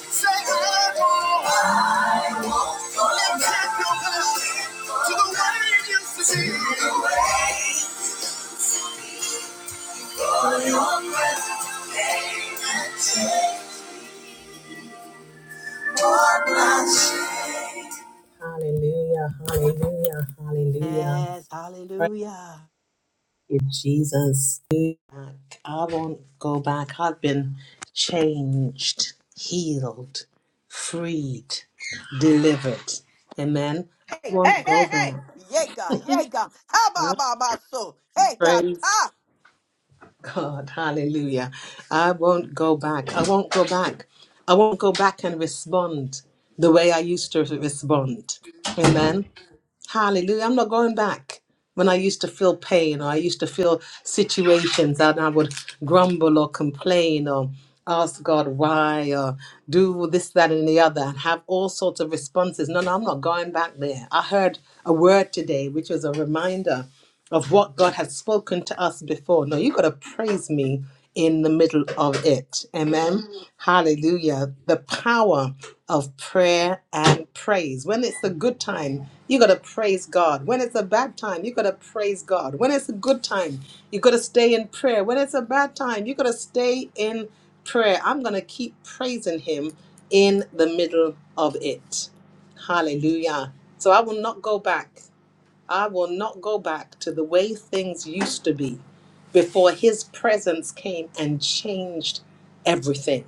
Speaker 1: Say, I won't, I won't go back go back no to the way it used to be. To the way. For your presence, came and changed. What my shame. Hallelujah, hallelujah, hallelujah.
Speaker 3: Yes. Hallelujah.
Speaker 1: you, Jesus. I won't go back. I've been changed, healed, freed, delivered. Amen. I
Speaker 3: Hey,
Speaker 1: won't
Speaker 3: hey,
Speaker 1: go
Speaker 3: hey, hey.
Speaker 1: back.
Speaker 3: Yay, God. Yay, God. Ha,
Speaker 1: I
Speaker 3: ba, ba, ba, so. Hey, God.
Speaker 1: praise God. Hallelujah. I won't go back. I won't go back. I won't go back and respond the way I used to respond. Amen. Hallelujah. I'm not going back. When I used to feel pain or I used to feel situations and I would grumble or complain or ask God why or do this, that, and the other and have all sorts of responses. No, no, I'm not going back there. I heard a word today, which was a reminder of what God has spoken to us before. No, you got to praise me in the middle of it. Amen.
Speaker 3: Ta.
Speaker 1: Hallelujah. The power of prayer and praise. When it's a good time, you got to praise God. When it's a bad time, you got to praise God. When it's a good time, you got to stay in prayer. When it's a bad time, you got to stay in prayer. I'm going to keep praising Him in the middle of it. Hallelujah. So I will not go back. I will not go back to the way things used to be before his presence came and changed everything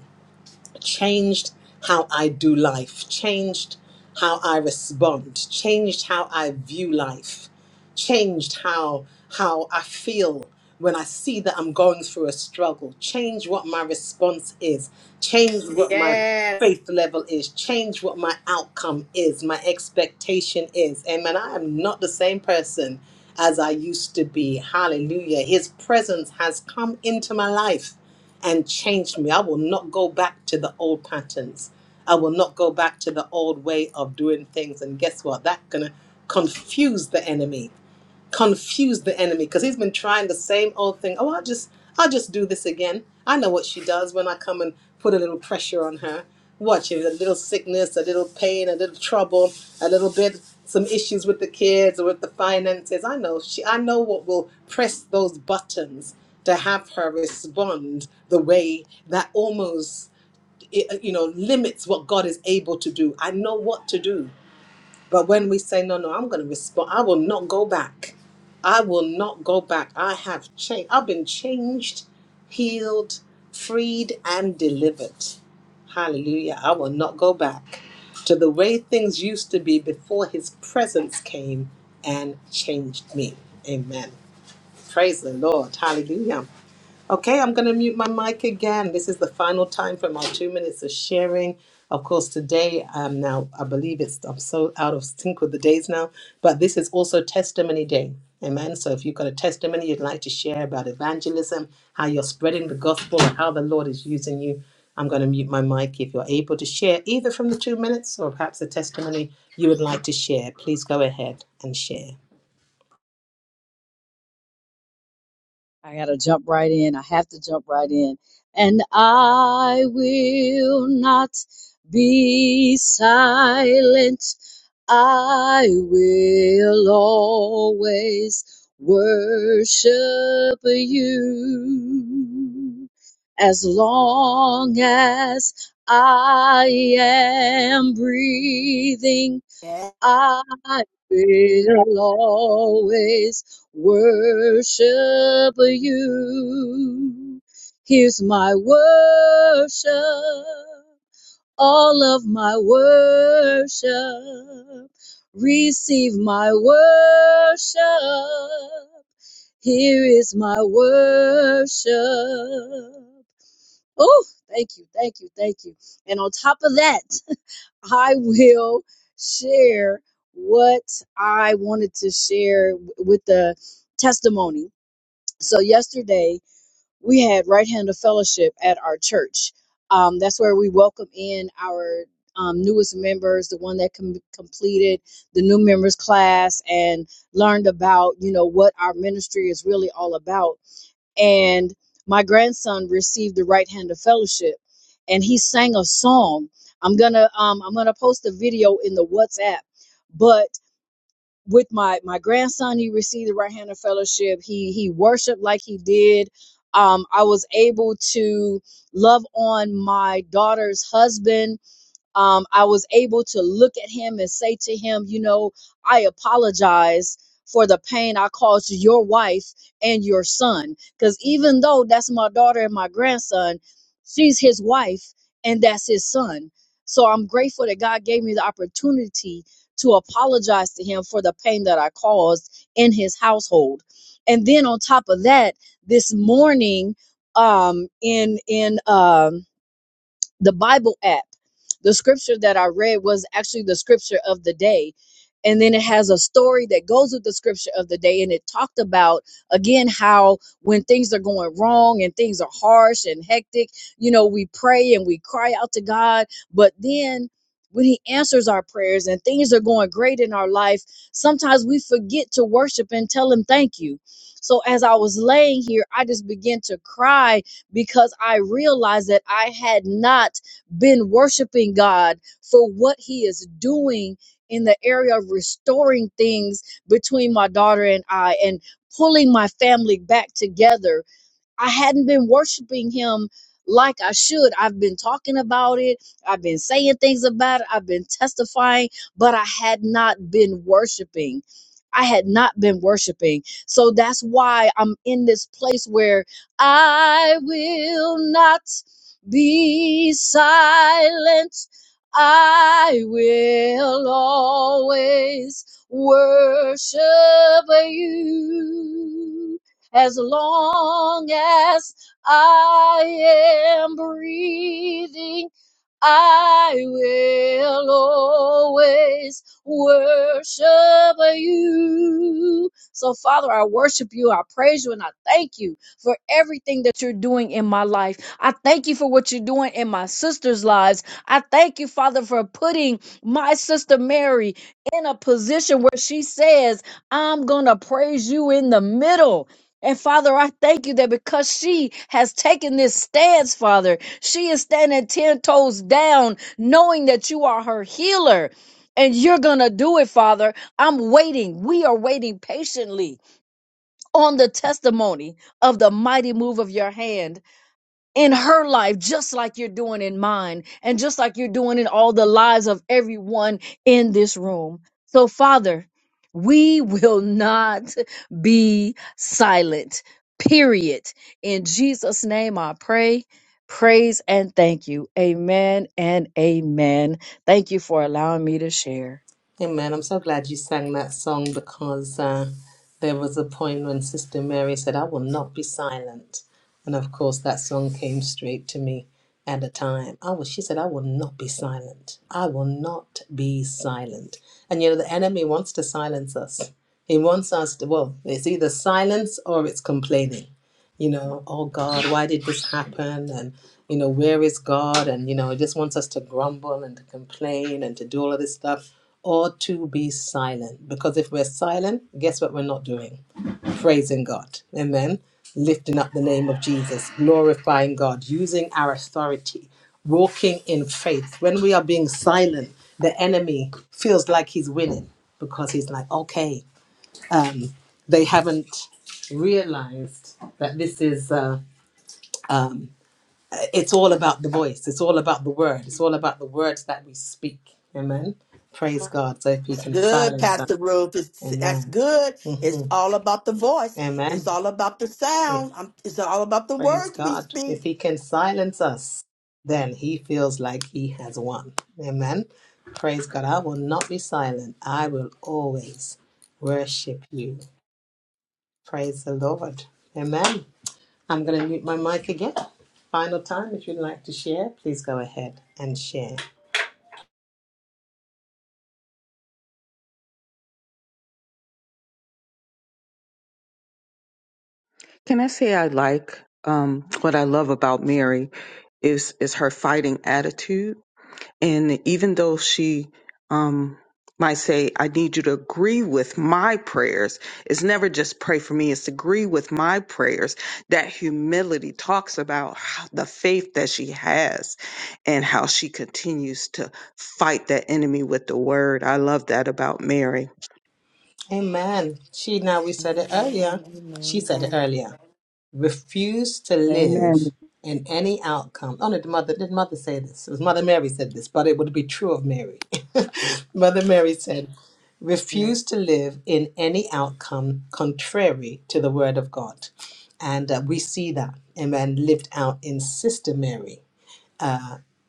Speaker 1: changed how I do life, changed how I respond, changed how I view life, changed how how I feel when I see that I'm going through a struggle, change what my response is, change what my
Speaker 3: Yes.
Speaker 1: faith level is, change what my outcome is, my expectation is. Amen. I am not the same person as I used to be. Hallelujah. His presence has come into my life and changed me. I will not go back to the old patterns. I will not go back to the old way of doing things. And guess what? That's going to confuse the enemy confuse the enemy because he's been trying the same old thing. Oh, I'll just I'll just do this again. I know what she does when I come and put a little pressure on her. Watch it, a little sickness, a little pain, a little trouble, a little bit some issues with the kids or with the finances. I know she I know what will press those buttons to have her respond the way that almost you know limits what God is able to do. I know what to do. But when we say, no, no, I'm going to respond, I will not go back. I will not go back. I have changed. I've been changed, healed, freed, and delivered. Hallelujah. I will not go back to the way things used to be before his presence came and changed me. Amen. Praise the Lord. Hallelujah. Okay, I'm going to mute my mic again. This is the final time for my two minutes of sharing. Of course, today, um, now I believe it's, I'm so out of sync with the days now, but this is also Testimony Day. Amen. So if you've got a testimony you'd like to share about evangelism, how you're spreading the gospel, or how the Lord is using you, I'm going to mute my mic. If you're able to share either from the two minutes or perhaps a testimony you would like to share, please go ahead and share.
Speaker 4: I gotta jump right in. I have to jump right in. And I will not be silent. I will always worship you as long as I am breathing. I will always worship you. Here's my worship, all of my worship. Receive my worship. Here is my worship. Oh, thank you, thank you, thank you. And on top of that, I will share what I wanted to share w- with the testimony. So, yesterday we had Right Hand of Fellowship at our church. Um, that's where we welcome in our um, newest members, the one that com- completed the new members class and learned about, you know, what our ministry is really all about and my grandson received the right hand of fellowship and he sang a song i'm gonna um, i'm gonna post a video in the whatsapp but with my my grandson he received the right hand of fellowship he he worshiped like he did um, i was able to love on my daughter's husband um, I was able to look at him and say to him, you know, I apologize for the pain I caused your wife and your son. Because even though that's my daughter and my grandson, she's his wife and that's his son. So I'm grateful that God gave me the opportunity to apologize to him for the pain that I caused in his household. And then on top of that, this morning, um, in in um the Bible app. The scripture that I read was actually the scripture of the day. And then it has a story that goes with the scripture of the day. And it talked about, again, how when things are going wrong and things are harsh and hectic, you know, we pray and we cry out to God. But then when He answers our prayers and things are going great in our life, sometimes we forget to worship and tell Him thank you. So as I was laying here, I just began to cry because I realized that I had not been worshiping God for what He is doing in the area of restoring things between my daughter and I and pulling my family back together I hadn't been worshiping him like I should. I've been talking about it. I've been saying things about it. I've been testifying, but I had not been worshiping. I had not been worshiping. So that's why I'm in this place where I will not be silent. I will always worship you as long as I am breathing, I will always worship you. So, Father, I worship you. I praise you and I thank you for everything that you're doing in my life. I thank you for what you're doing in my sister's lives. I thank you, Father, for putting my sister Mary in a position where she says, I'm going to praise you in the middle. And Father, I thank you that because she has taken this stance, Father, she is standing 10 toes down, knowing that you are her healer and you're going to do it, Father. I'm waiting. We are waiting patiently on the testimony of the mighty move of your hand in her life, just like you're doing in mine, and just like you're doing in all the lives of everyone in this room. So, Father, we will not be silent, period. In Jesus' name, I pray, praise, and thank you. Amen and amen. Thank you for allowing me to share.
Speaker 1: Amen. I'm so glad you sang that song because uh, there was a point when Sister Mary said, I will not be silent. And of course, that song came straight to me at a time. I was, she said, I will not be silent. I will not be silent. And you know, the enemy wants to silence us. He wants us to, well, it's either silence or it's complaining you know, oh God, why did this happen? And, you know, where is God? And, you know, it just wants us to grumble and to complain and to do all of this stuff or to be silent. Because if we're silent, guess what we're not doing? Praising God. Amen. Lifting up the name of Jesus, glorifying God, using our authority, walking in faith. When we are being silent, the enemy feels like he's winning because he's like, okay, um, they haven't realized that this is. Uh, um, it's all about the voice. It's all about the word. It's all about the words that we speak. Amen. Praise God. So if you
Speaker 3: That's
Speaker 1: can
Speaker 3: good,
Speaker 1: silence us,
Speaker 3: Pastor Ruth. It's, that's
Speaker 1: Amen.
Speaker 3: good. It's
Speaker 1: hmm
Speaker 3: all about the voice. It's
Speaker 1: Amen.
Speaker 3: all about the
Speaker 1: If,
Speaker 3: sound. Um, It's all about the
Speaker 1: praise
Speaker 3: words we
Speaker 1: God. If
Speaker 3: speak.
Speaker 1: He can silence us, then He feels like He has won. Amen. Praise God. I will not be silent. I will always worship You. Praise the Lord. Amen. I'm going to mute my mic again. Final time, if you'd like to share, please go ahead and share.
Speaker 6: Can I say I like um, what I love about Mary is is her fighting attitude, and even though she um, might say, "I need you to agree with my prayers," it's never just pray for me; it's agree with my prayers. That humility talks about how- the faith that she has, and how she continues to fight that enemy with the word. I love that about Mary.
Speaker 1: Amen. She now we said it earlier.
Speaker 3: Amen.
Speaker 1: She said it earlier. Refuse to
Speaker 4: Amen.
Speaker 1: live in any outcome. Oh no, did mother did mother say this? It was Mother Mary said this, but it would be true of Mary. mother Mary said,
Speaker 3: Amen.
Speaker 1: refuse to live in any outcome contrary to the word of God. And uh, we see that, amen, lived out in Sister Mary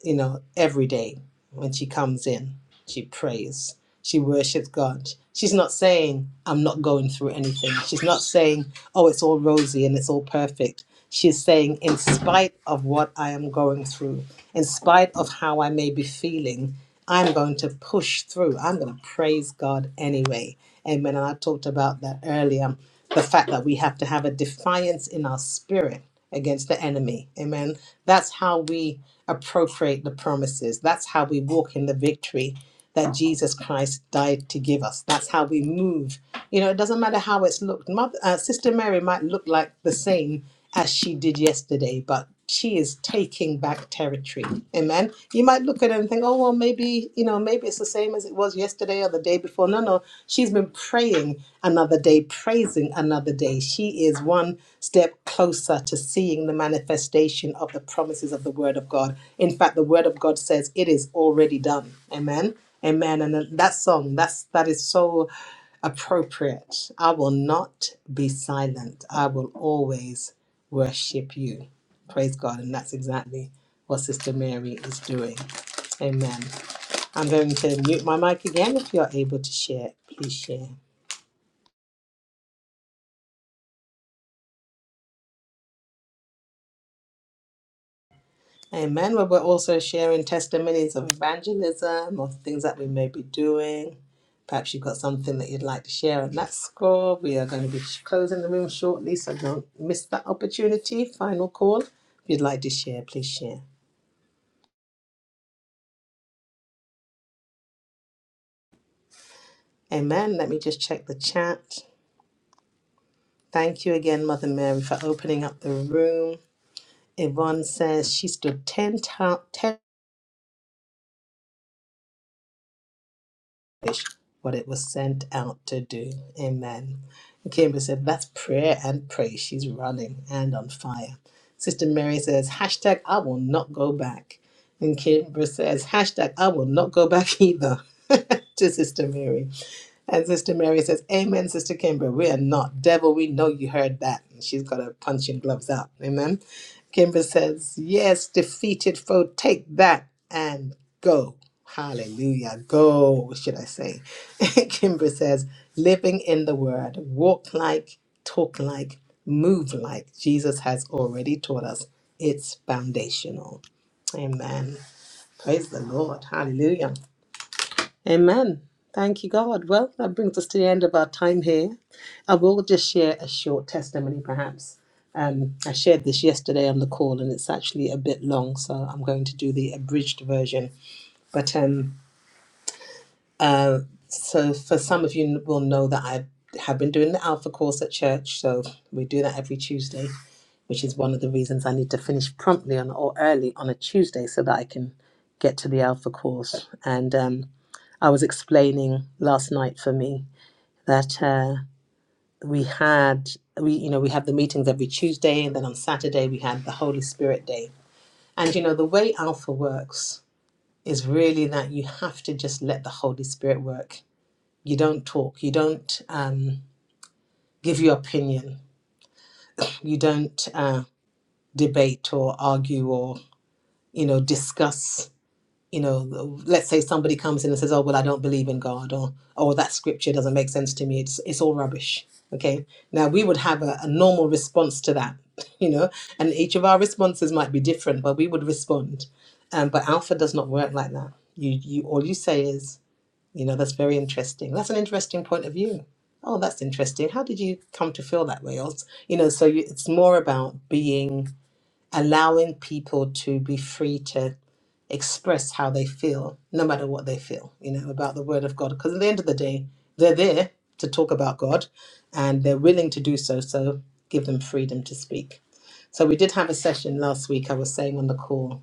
Speaker 1: you know, every day when she comes in, she prays, she worships God. She's not saying, I'm not going through anything. She's not saying, oh, it's all rosy and it's all perfect. She's saying, in spite of what I am going through, in spite of how I may be feeling, I'm going to push through. I'm going to praise God anyway. Amen. And I talked about that earlier the fact that we have to have a defiance in our spirit against the enemy. Amen. That's how we appropriate the promises. That's how we walk in the victory that Jesus Christ died to give us. That's how we move. You know, it doesn't matter how it's looked. Mother, uh, Sister Mary might look like the same as she did yesterday, but she is taking back territory. Amen. You might look at her and think, oh, well, maybe, you know, maybe it's the same as it was yesterday or the day before. No, no. She's been praying another day, praising another day. She is one step closer to seeing the manifestation of the promises of the Word of God. In fact, the Word of God says it is already done. Amen. Amen. And that song, that's that is so appropriate. I will not be silent. I will always worship you. Praise God. And that's exactly what Sister Mary is doing. Amen. I'm going to mute my mic again. If you're able to share, please share. Amen. Well, we're also sharing testimonies of evangelism, of things that we may be doing. Perhaps you've got something that you'd like to share on that score. We are going to be sh- closing the room shortly, so don't miss that opportunity. Final call. If you'd like to share, please share. Amen. Let me just check the chat. Thank you again, Mother Mary, for opening up the room. Yvonne says she stood 10 times what it was sent out to do. Amen. And Kimber said, that's prayer and praise. She's running and on fire. Sister Mary says, hashtag, I will not go back. And Kimber says, hashtag, I will not go back either to Sister Mary. And Sister Mary says, Amen, Sister Kimber. We are not devil. We know you heard that. And she's got her punching gloves out. Amen. Kimber says, Yes, defeated foe, take that and go. Hallelujah. Go, should I say. Kimber says, Living in the word, walk like, talk like, move like Jesus has already taught us. It's foundational. Amen. Praise the Lord. Hallelujah. Amen. Thank you, God. Well, that brings us to the end of our time here. I will just share a short testimony, perhaps. Um, I shared this yesterday on the call, and it's actually a bit long, so I'm going to do the abridged version. But um, uh, so, for some of you will know that I have been doing the Alpha course at church, so we do that every Tuesday, which is one of the reasons I need to finish promptly on or early on a Tuesday so that I can get to the Alpha course. And um, I was explaining last night for me that uh, we had we you know we had the meetings every Tuesday and then on Saturday we had the Holy Spirit Day. And you know the way Alpha works is really that you have to just let the Holy Spirit work. You don't talk. You don't um, give your opinion. You don't uh, debate or argue or you know discuss you know, let's say somebody comes in and says, "Oh, well, I don't believe in God," or "Oh, that scripture doesn't make sense to me. It's it's all rubbish." Okay. Now we would have a, a normal response to that, you know, and each of our responses might be different, but we would respond. Um, but Alpha does not work like that. You you all you say is, you know, that's very interesting. That's an interesting point of view. Oh, that's interesting. How did you come to feel that way? Or, you know, so you, it's more about being allowing people to be free to express how they feel, no matter what they feel, you know, about the word of God. Because at the end of the day, they're there to talk about God and they're willing to do so. So give them freedom to speak. So we did have a session last week. I was saying on the call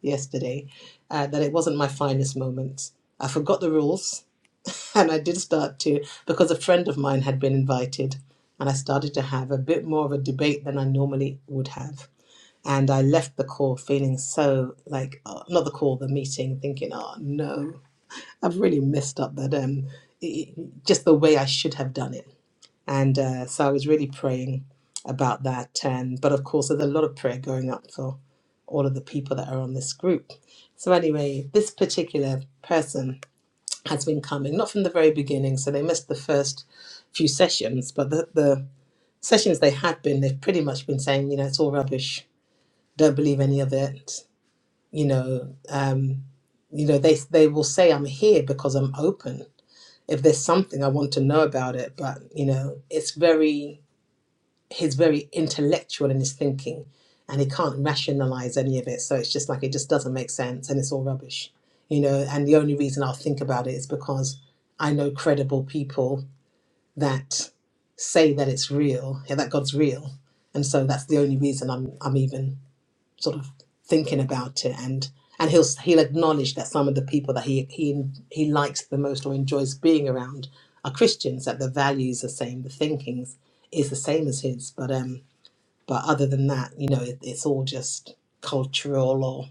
Speaker 1: yesterday uh, that it wasn't my finest moment. I forgot the rules and I did start to, because a friend of mine had been invited, and I started to have a bit more of a debate than I normally would have and I left the call feeling so like, uh, not the call, the meeting, thinking, oh no, I've really messed up that, um, i- just the way I should have done it. And uh, so I was really praying about that. And, but of course, there's a lot of prayer going up for all of the people that are on this group. So, anyway, this particular person has been coming, not from the very beginning, so they missed the first few sessions, but the, the sessions they had been, they've pretty much been saying, you know, it's all rubbish, don't believe any of it, you know um you know they they will say i'm here because i'm open if there's something i want to know about it but you know it's very he's very intellectual in his thinking and he can't rationalize any of it so it's just like it just doesn't make sense and it's all rubbish you know and the only reason i'll think about it is because i know credible people that say that it's real yeah, that god's real and so that's the only reason i'm i'm even sort of thinking about it and and he'll he'll acknowledge that some of the people that he he he likes the most or enjoys being around are Christians that the values are the same the thinkings is the same as his but um but other than that you know it, it's all just cultural or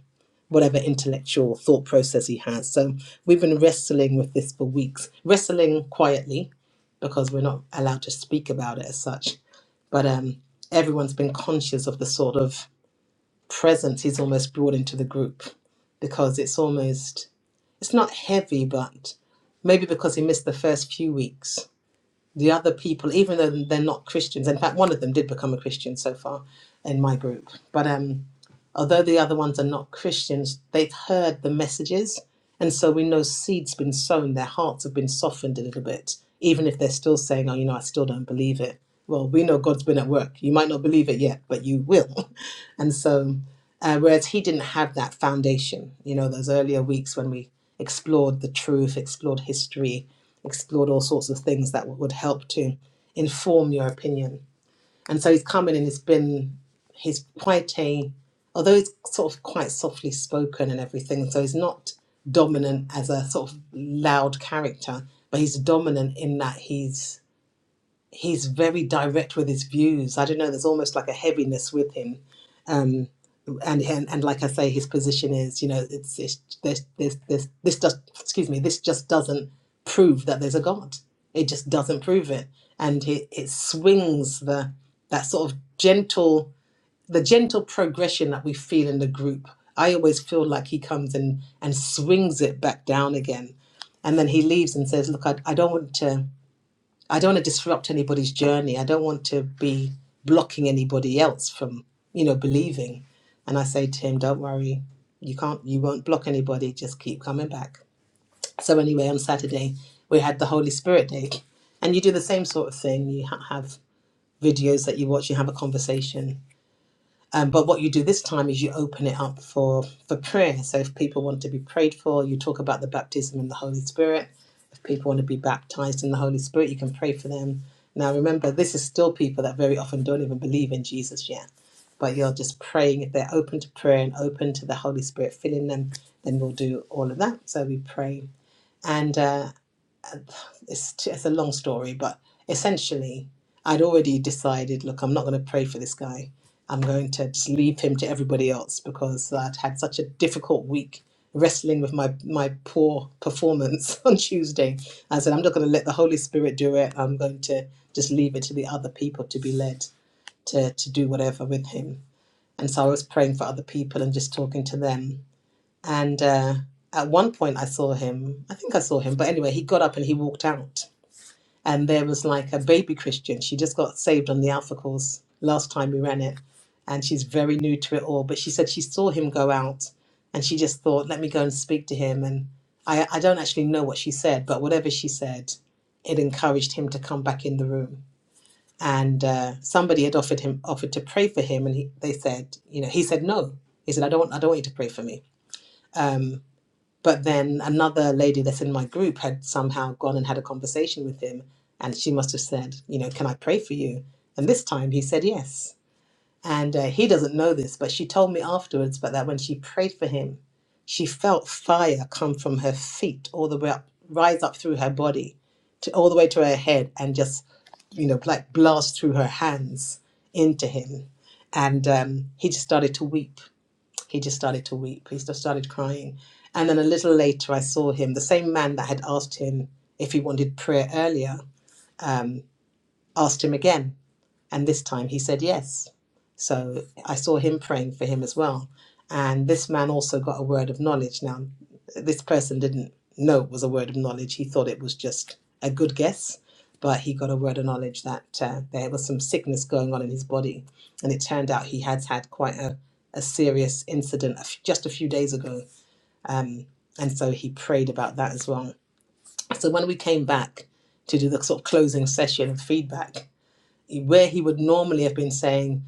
Speaker 1: whatever intellectual thought process he has so we've been wrestling with this for weeks wrestling quietly because we're not allowed to speak about it as such but um everyone's been conscious of the sort of presence he's almost brought into the group because it's almost it's not heavy but maybe because he missed the first few weeks the other people even though they're not christians in fact one of them did become a christian so far in my group but um although the other ones are not christians they've heard the messages and so we know seeds been sown their hearts have been softened a little bit even if they're still saying oh you know i still don't believe it well we know god's been at work you might not believe it yet but you will and so uh, whereas he didn't have that foundation. You know, those earlier weeks when we explored the truth, explored history, explored all sorts of things that would help to inform your opinion. And so he's come in and it's been, he's quite a, although he's sort of quite softly spoken and everything, so he's not dominant as a sort of loud character, but he's dominant in that he's he's very direct with his views. I don't know. There's almost like a heaviness with him, um, and, and and like I say, his position is, you know, it's, it's this this this this just excuse me, this just doesn't prove that there's a God. It just doesn't prove it, and it it swings the that sort of gentle the gentle progression that we feel in the group. I always feel like he comes in and swings it back down again, and then he leaves and says, "Look, I, I don't want to." I don't want to disrupt anybody's journey. I don't want to be blocking anybody else from, you know, believing. And I say to him, don't worry, you can't, you won't block anybody. Just keep coming back. So anyway, on Saturday we had the Holy Spirit Day, and you do the same sort of thing. You ha- have videos that you watch. You have a conversation um, but what you do this time is you open it up for for prayer. So if people want to be prayed for, you talk about the baptism in the Holy Spirit. If people want to be baptized in the Holy Spirit, you can pray for them. Now remember, this is still people that very often don't even believe in Jesus yet. But you're just praying if they're open to prayer and open to the Holy Spirit filling them, then we'll do all of that. So we pray. And uh, it's, it's a long story, but essentially, I'd already decided, look, I'm not going to pray for this guy. I'm going to just leave him to everybody else because I'd had such a difficult week wrestling with my, my poor performance on Tuesday. I said, I'm not going to let the Holy Spirit do it. I'm going to just leave it to the other people to be led to, to do whatever with him. And so I was praying for other people and just talking to them. And uh, at one point, I saw him. I think I saw him, but anyway, he got up and he walked out and there was like a baby Christian. She just got saved on the Alpha course last time we ran it, and she's very new to it all. But she said she saw him go out, and she just thought, "Let me go and speak to him." And I, I don't actually know what she said, but whatever she said, it encouraged him to come back in the room. And uh, somebody had offered him offered to pray for him, and he, they said, you know, he said no. He said, "I don't, I don't want you to pray for me." But then another lady that's in my group had somehow gone and had a conversation with him, and she must have said, you know, can I pray for you? And this time he said yes. And uh, he doesn't know this, but she told me afterwards, but that when she prayed for him, she felt fire come from her feet all the way up, rise up through her body, to all the way to her head, and just, you know, like blast through her hands into him. And um, he just started to weep he just started to weep. He just started crying. And then a little later, I saw him, the same man that had asked him if he wanted prayer earlier, um, asked him again. And this time he said yes. So I saw him praying for him as well. And this man also got a word of knowledge. Now, this person didn't know it was a word of knowledge. He thought it was just a good guess, but he got a word of knowledge that uh, there was some sickness going on in his body. And it turned out he had had quite a, a serious incident a f- just a few days ago. Um, and so he prayed about that as well. So when we came back to do the sort of closing session of feedback, where he would normally have been saying,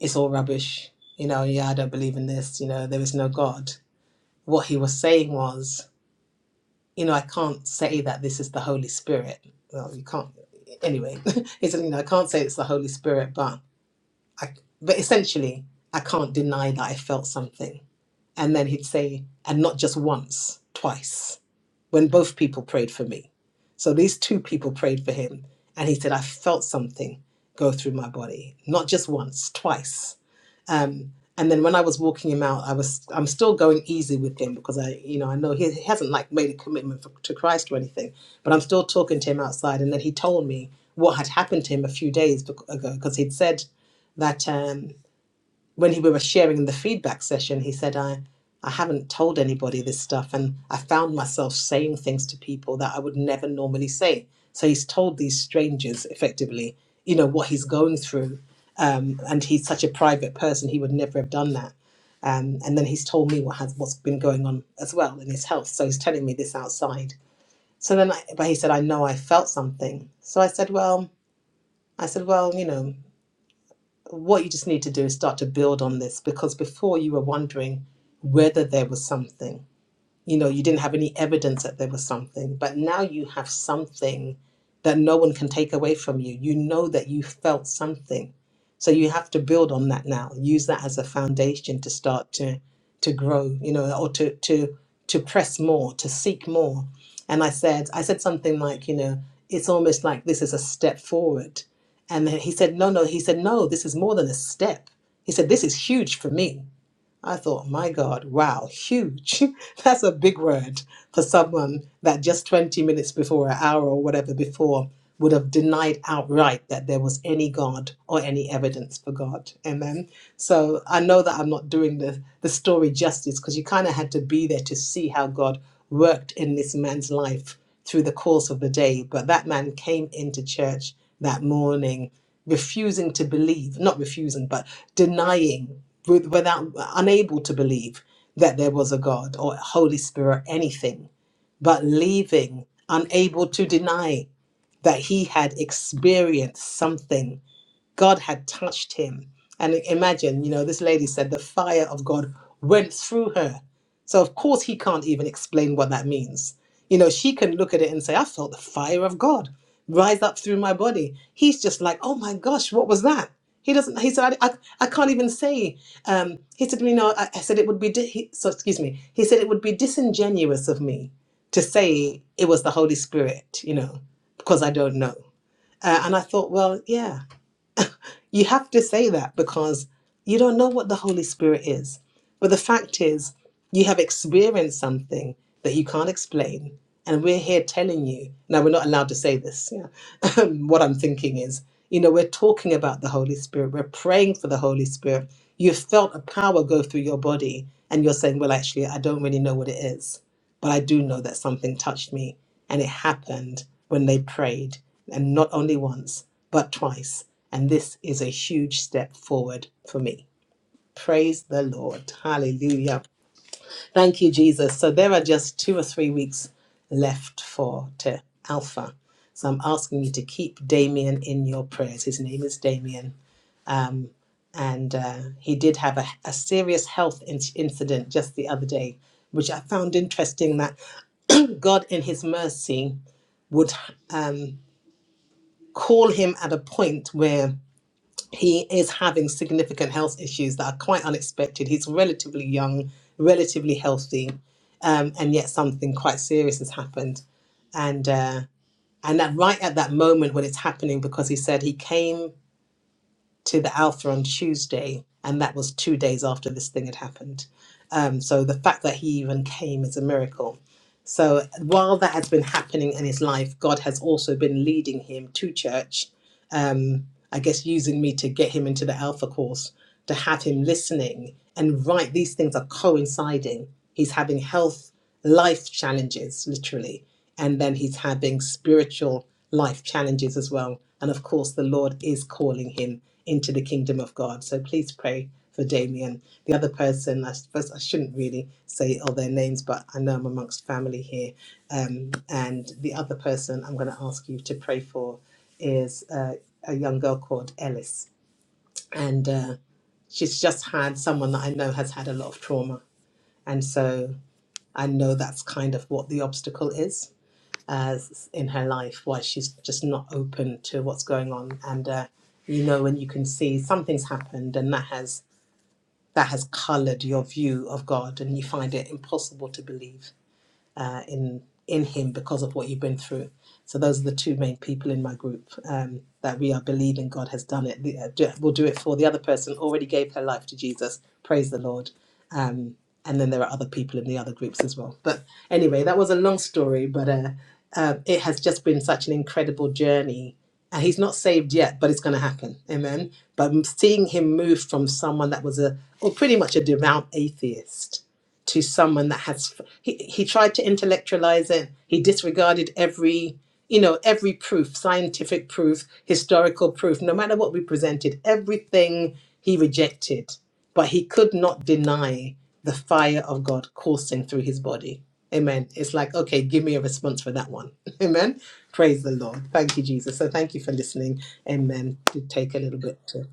Speaker 1: It's all rubbish, you know, yeah, I don't believe in this, you know, there is no God. What he was saying was, You know, I can't say that this is the Holy Spirit. Well, you can't, anyway, he said, You know, I can't say it's the Holy Spirit, but I, but essentially, I can't deny that I felt something. And then he'd say, And not just once, twice when both people prayed for me. So these two people prayed for him. And he said, I felt something go through my body, not just once, twice. Um, and then when I was walking him out, I was I'm still going easy with him because I, you know, I know he, he hasn't like made a commitment for, to Christ or anything, but I'm still talking to him outside. And then he told me what had happened to him a few days ago because he'd said that. Um, when he, we were sharing the feedback session, he said, I, I haven't told anybody this stuff. And I found myself saying things to people that I would never normally say. So he's told these strangers effectively, you know, what he's going through. Um, and he's such a private person, he would never have done that. Um, and then he's told me what has what's been going on as well in his health. So he's telling me this outside. So then, I, but he said, I know I felt something. So I said, well, I said, well, you know, what you just need to do is start to build on this because before you were wondering whether there was something you know you didn't have any evidence that there was something but now you have something that no one can take away from you you know that you felt something so you have to build on that now use that as a foundation to start to to grow you know or to to to press more to seek more and i said i said something like you know it's almost like this is a step forward and then he said no no he said no this is more than a step he said this is huge for me I thought, my God, wow, huge. That's a big word for someone that just 20 minutes before, an hour or whatever before, would have denied outright that there was any God or any evidence for God. Amen. So I know that I'm not doing the, the story justice because you kind of had to be there to see how God worked in this man's life through the course of the day. But that man came into church that morning refusing to believe, not refusing, but denying, with- without unable to believe that there was a God or Holy Spirit, anything, but leaving, unable to deny that he had experienced something God had touched him. And imagine, you know, this lady said the fire of God went through her. So, of course, he can't even explain what that means. You know, she can look at it and say, I felt the fire of God rise up through my body. He's just like, oh my gosh, what was that? He doesn't, he said, I, I, I can't even say. Um, he said, you know, I, I said it would be, di- he, so excuse me, he said it would be disingenuous of me to say it was the Holy Spirit, you know, because I don't know. Uh, and I thought, well, yeah, you have to say that because you don't know what the Holy Spirit is. But the fact is, you have experienced something that you can't explain. And we're here telling you. Now, we're not allowed to say this. Yeah. what I'm thinking is, you know, we're talking about the Holy Spirit. We're praying for the Holy Spirit. You felt a power go through your body, and you're saying, well, actually, I don't really know what it is. But I do know that something touched me. And it happened when they prayed, and not only once, but twice. And this is a huge step forward for me. Praise the Lord. Hallelujah. Thank you, Jesus. So there are just two or three weeks left for to Alpha. So I'm asking you to keep Damien in your prayers. His name is Damien. And uh, he did have a, a serious health in- incident just the other day, which I found interesting that God, in his mercy, would um, call him at a point where he is having significant health issues that are quite unexpected. He's relatively young, relatively healthy, um, and yet something quite serious has happened. And uh, and that right at that moment when it's happening, because he said he came to the Alpha on Tuesday, and that was two days after this thing had happened. Um, so the fact that he even came is a miracle. So while that has been happening in his life, God has also been leading him to church um, I guess, using me to get him into the Alpha course, to have him listening. And right, these things are coinciding. He's having health, life challenges, literally, and then he's having spiritual life challenges as well. And of course, the Lord is calling him into the kingdom of God. So please pray for Damien. The other person, I suppose I shouldn't really say all their names, but I know I'm amongst family here. Um, and the other person I'm going to ask you to pray for is. uh, a young girl called Ellis, and uh, she's just had someone that I know has had a lot of trauma, and so I know that's kind of what the obstacle is as in her life, why she's just not open to what's going on, and uh, you know when you can see something's happened, and that has that has coloured your view of God, and you find it impossible to believe uh, in in Him because of what you've been through. So those are the two main people in my group um, that we are believing God has done it. The- uh, do- We'll do it for the other person already gave her life to Jesus. Praise the Lord. Um, and then there are other people in the other groups as well. But anyway, that was a long story, but uh, uh, it has just been such an incredible journey. And he's not saved yet, but it's going to happen. Amen. But seeing him move from someone that was a, or pretty much a devout atheist to someone that has he, he tried to intellectualize it he disregarded every you know every proof scientific proof historical proof no matter what we presented everything he rejected but he could not deny the fire of god coursing through his body amen it's like okay give me a response for that one amen praise the lord thank you jesus so thank you for listening amen to take a little bit to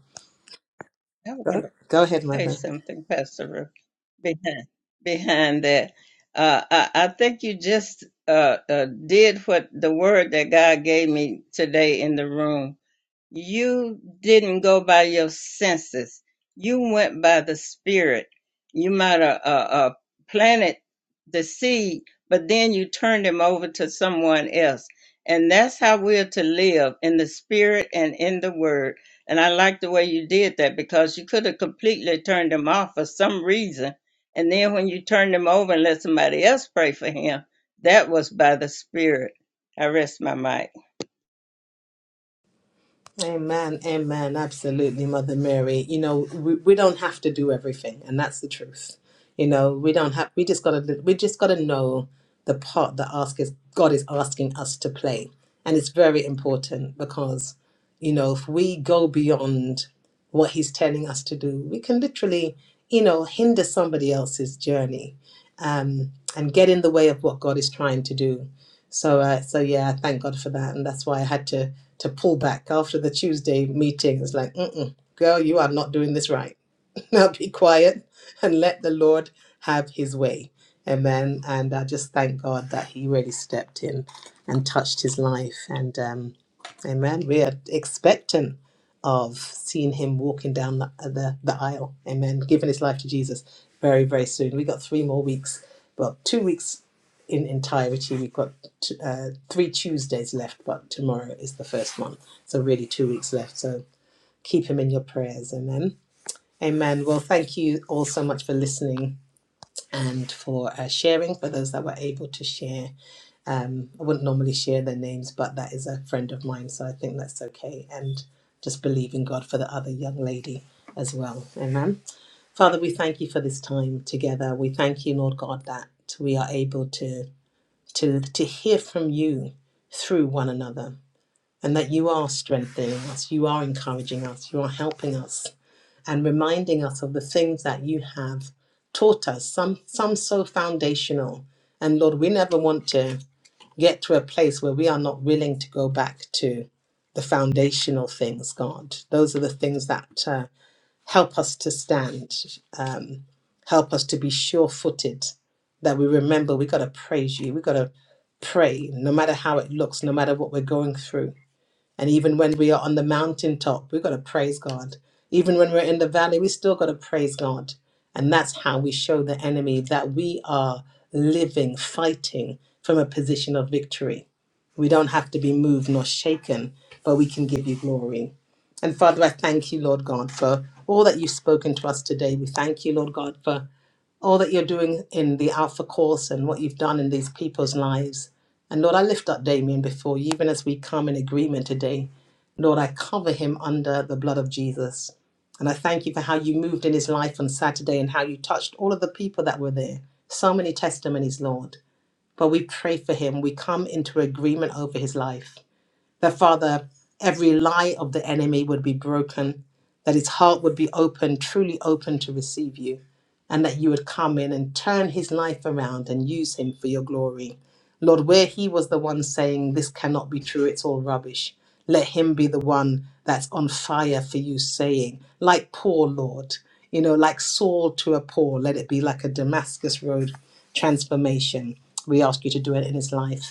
Speaker 1: go, go ahead mother
Speaker 7: in the room. You didn't go by your senses. You went by the spirit. You might have uh, uh, planted the seed, but then you turned him over to someone else. And that's how we're to live in the spirit and in the word. And I like the way you did that because you could have completely turned him off for some reason. And then when you turned him over and let somebody else pray for him, that was by the spirit. I rest my mic.
Speaker 1: Amen, amen. Absolutely, Mother Mary. You know, we, we don't have to do everything, and that's the truth. You know, we don't have. We just gotta. We just gotta know the part that ask is God is asking us to play, and it's very important because, you know, if we go beyond what He's telling us to do, we can literally, you know, hinder somebody else's journey, um, and get in the way of what God is trying to do. So, uh, so yeah, I thank God for that, and that's why I had to to pull back after the Tuesday meeting. It's like, Mm-mm, girl, you are not doing this right. now be quiet and let the Lord have His way. Amen. And I just thank God that He really stepped in and touched his life. And um, Amen. We are expectant of seeing him walking down the, uh, the the aisle. Amen. Giving his life to Jesus very very soon. We got three more weeks. Well, two weeks in entirety. We've got t- uh, three Tuesdays left, but tomorrow is the first one. So, really, two weeks left. So, keep him in your prayers. Amen. Amen. Well, thank you all so much for listening and for uh, sharing for those that were able to share. Um, I wouldn't normally share their names, but that is a friend of mine, so I think that's okay. And just believe in God for the other young lady as well. Amen. Father, we thank you for this time together. We thank you, Lord God, that we are able to to, to hear from you through one another and that you are strengthening us, you are encouraging us, you are helping us and reminding us of the things that you have taught us, some, some so foundational. And Lord, we never want to get to a place where we are not willing to go back to the foundational things, God. Those are the things that uh, help us to stand, um, help us to be sure footed, that we remember we got to praise you, we got to pray, no matter how it looks, no matter what we're going through. And even when we are on the mountaintop, we've got to praise God. Even when we're in the valley, we still got to praise God. And that's how we show the enemy that we are living, fighting from a position of victory. We don't have to be moved nor shaken, but we can give you glory. And Father, I thank you, Lord God, for all that you've spoken to us today. We thank you, Lord God, for all that you're doing in the Alpha Course and what you've done in these people's lives. And Lord, I lift up Damien before you, even as we come in agreement today. Lord, I cover him under the blood of Jesus. And I thank you for how you moved in his life on Saturday and how you touched all of the people that were there. So many testimonies, Lord. But we pray for him. We come into agreement over his life. That, Father, every lie of the enemy would be broken, that his heart would be open, truly open to receive you, and that you would come in and turn his life around and use him for your glory. Lord, where he was the one saying, This cannot be true, it's all rubbish, let him be the one that's on fire for you, saying, Like Paul, Lord, you know, like Saul to a Paul, let it be like a Damascus Road transformation. We ask you to do it in his life.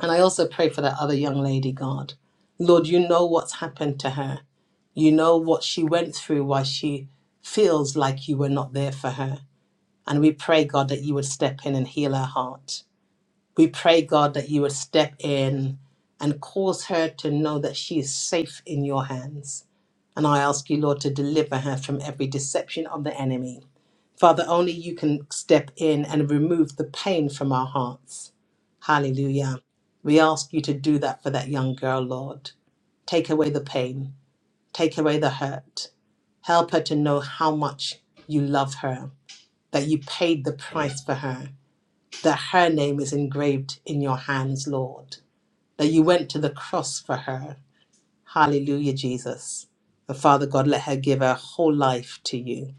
Speaker 1: And I also pray for that other young lady, God. Lord, you know what's happened to her. You know what she went through, why she feels like you were not there for her. And we pray, God, that you would step in and heal her heart. We pray, God, that you would step in and cause her to know that she is safe in your hands. And I ask you, Lord, to deliver her from every deception of the enemy. Father, only you can step in and remove the pain from our hearts. Hallelujah. We ask you to do that for that young girl, Lord. Take away the pain, take away the hurt. Help her to know how much you love her, that you paid the price for her, that her name is engraved in your hands, Lord, that you went to the cross for her. Hallelujah, Jesus. And Father God, let her give her whole life to you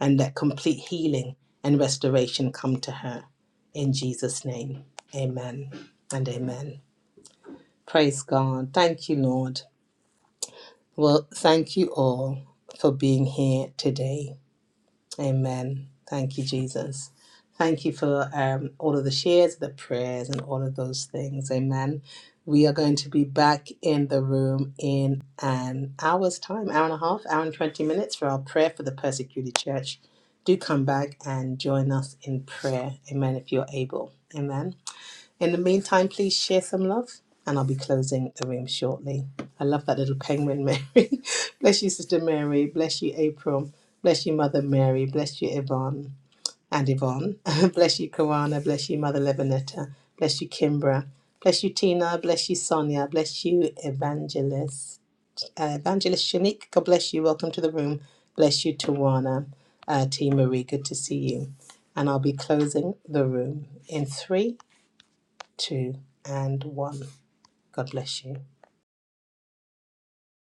Speaker 1: and let complete healing and restoration come to her. In Jesus' name, amen and amen. Praise God. Thank you, Lord. Well, thank you all for being here today. Amen. Thank you, Jesus. Thank you for um, all of the shares, the prayers, and all of those things. Amen. We are going to be back in the room in an hour's time, hour and a half, hour and 20 minutes for our prayer for the persecuted church. Do come back and join us in prayer. Amen. If you're able. Amen. In the meantime, please share some love, and I'll be closing the room shortly. I love that little penguin, Mary. bless you, Sister Mary. Bless you, April. Bless you, Mother Mary. Bless you, Yvonne and Yvonne. bless you, Kawana. Bless you, Mother Levinetta. Bless you, Kimbra. Bless you, Tina. Bless you, Sonia. Bless you, Evangelist. Uh, Evangelist Shanique, God bless you. Welcome to the room. Bless you, Tawana. Uh, T. Marie, good to see you. And I'll be closing the room in three two, and one. God bless you.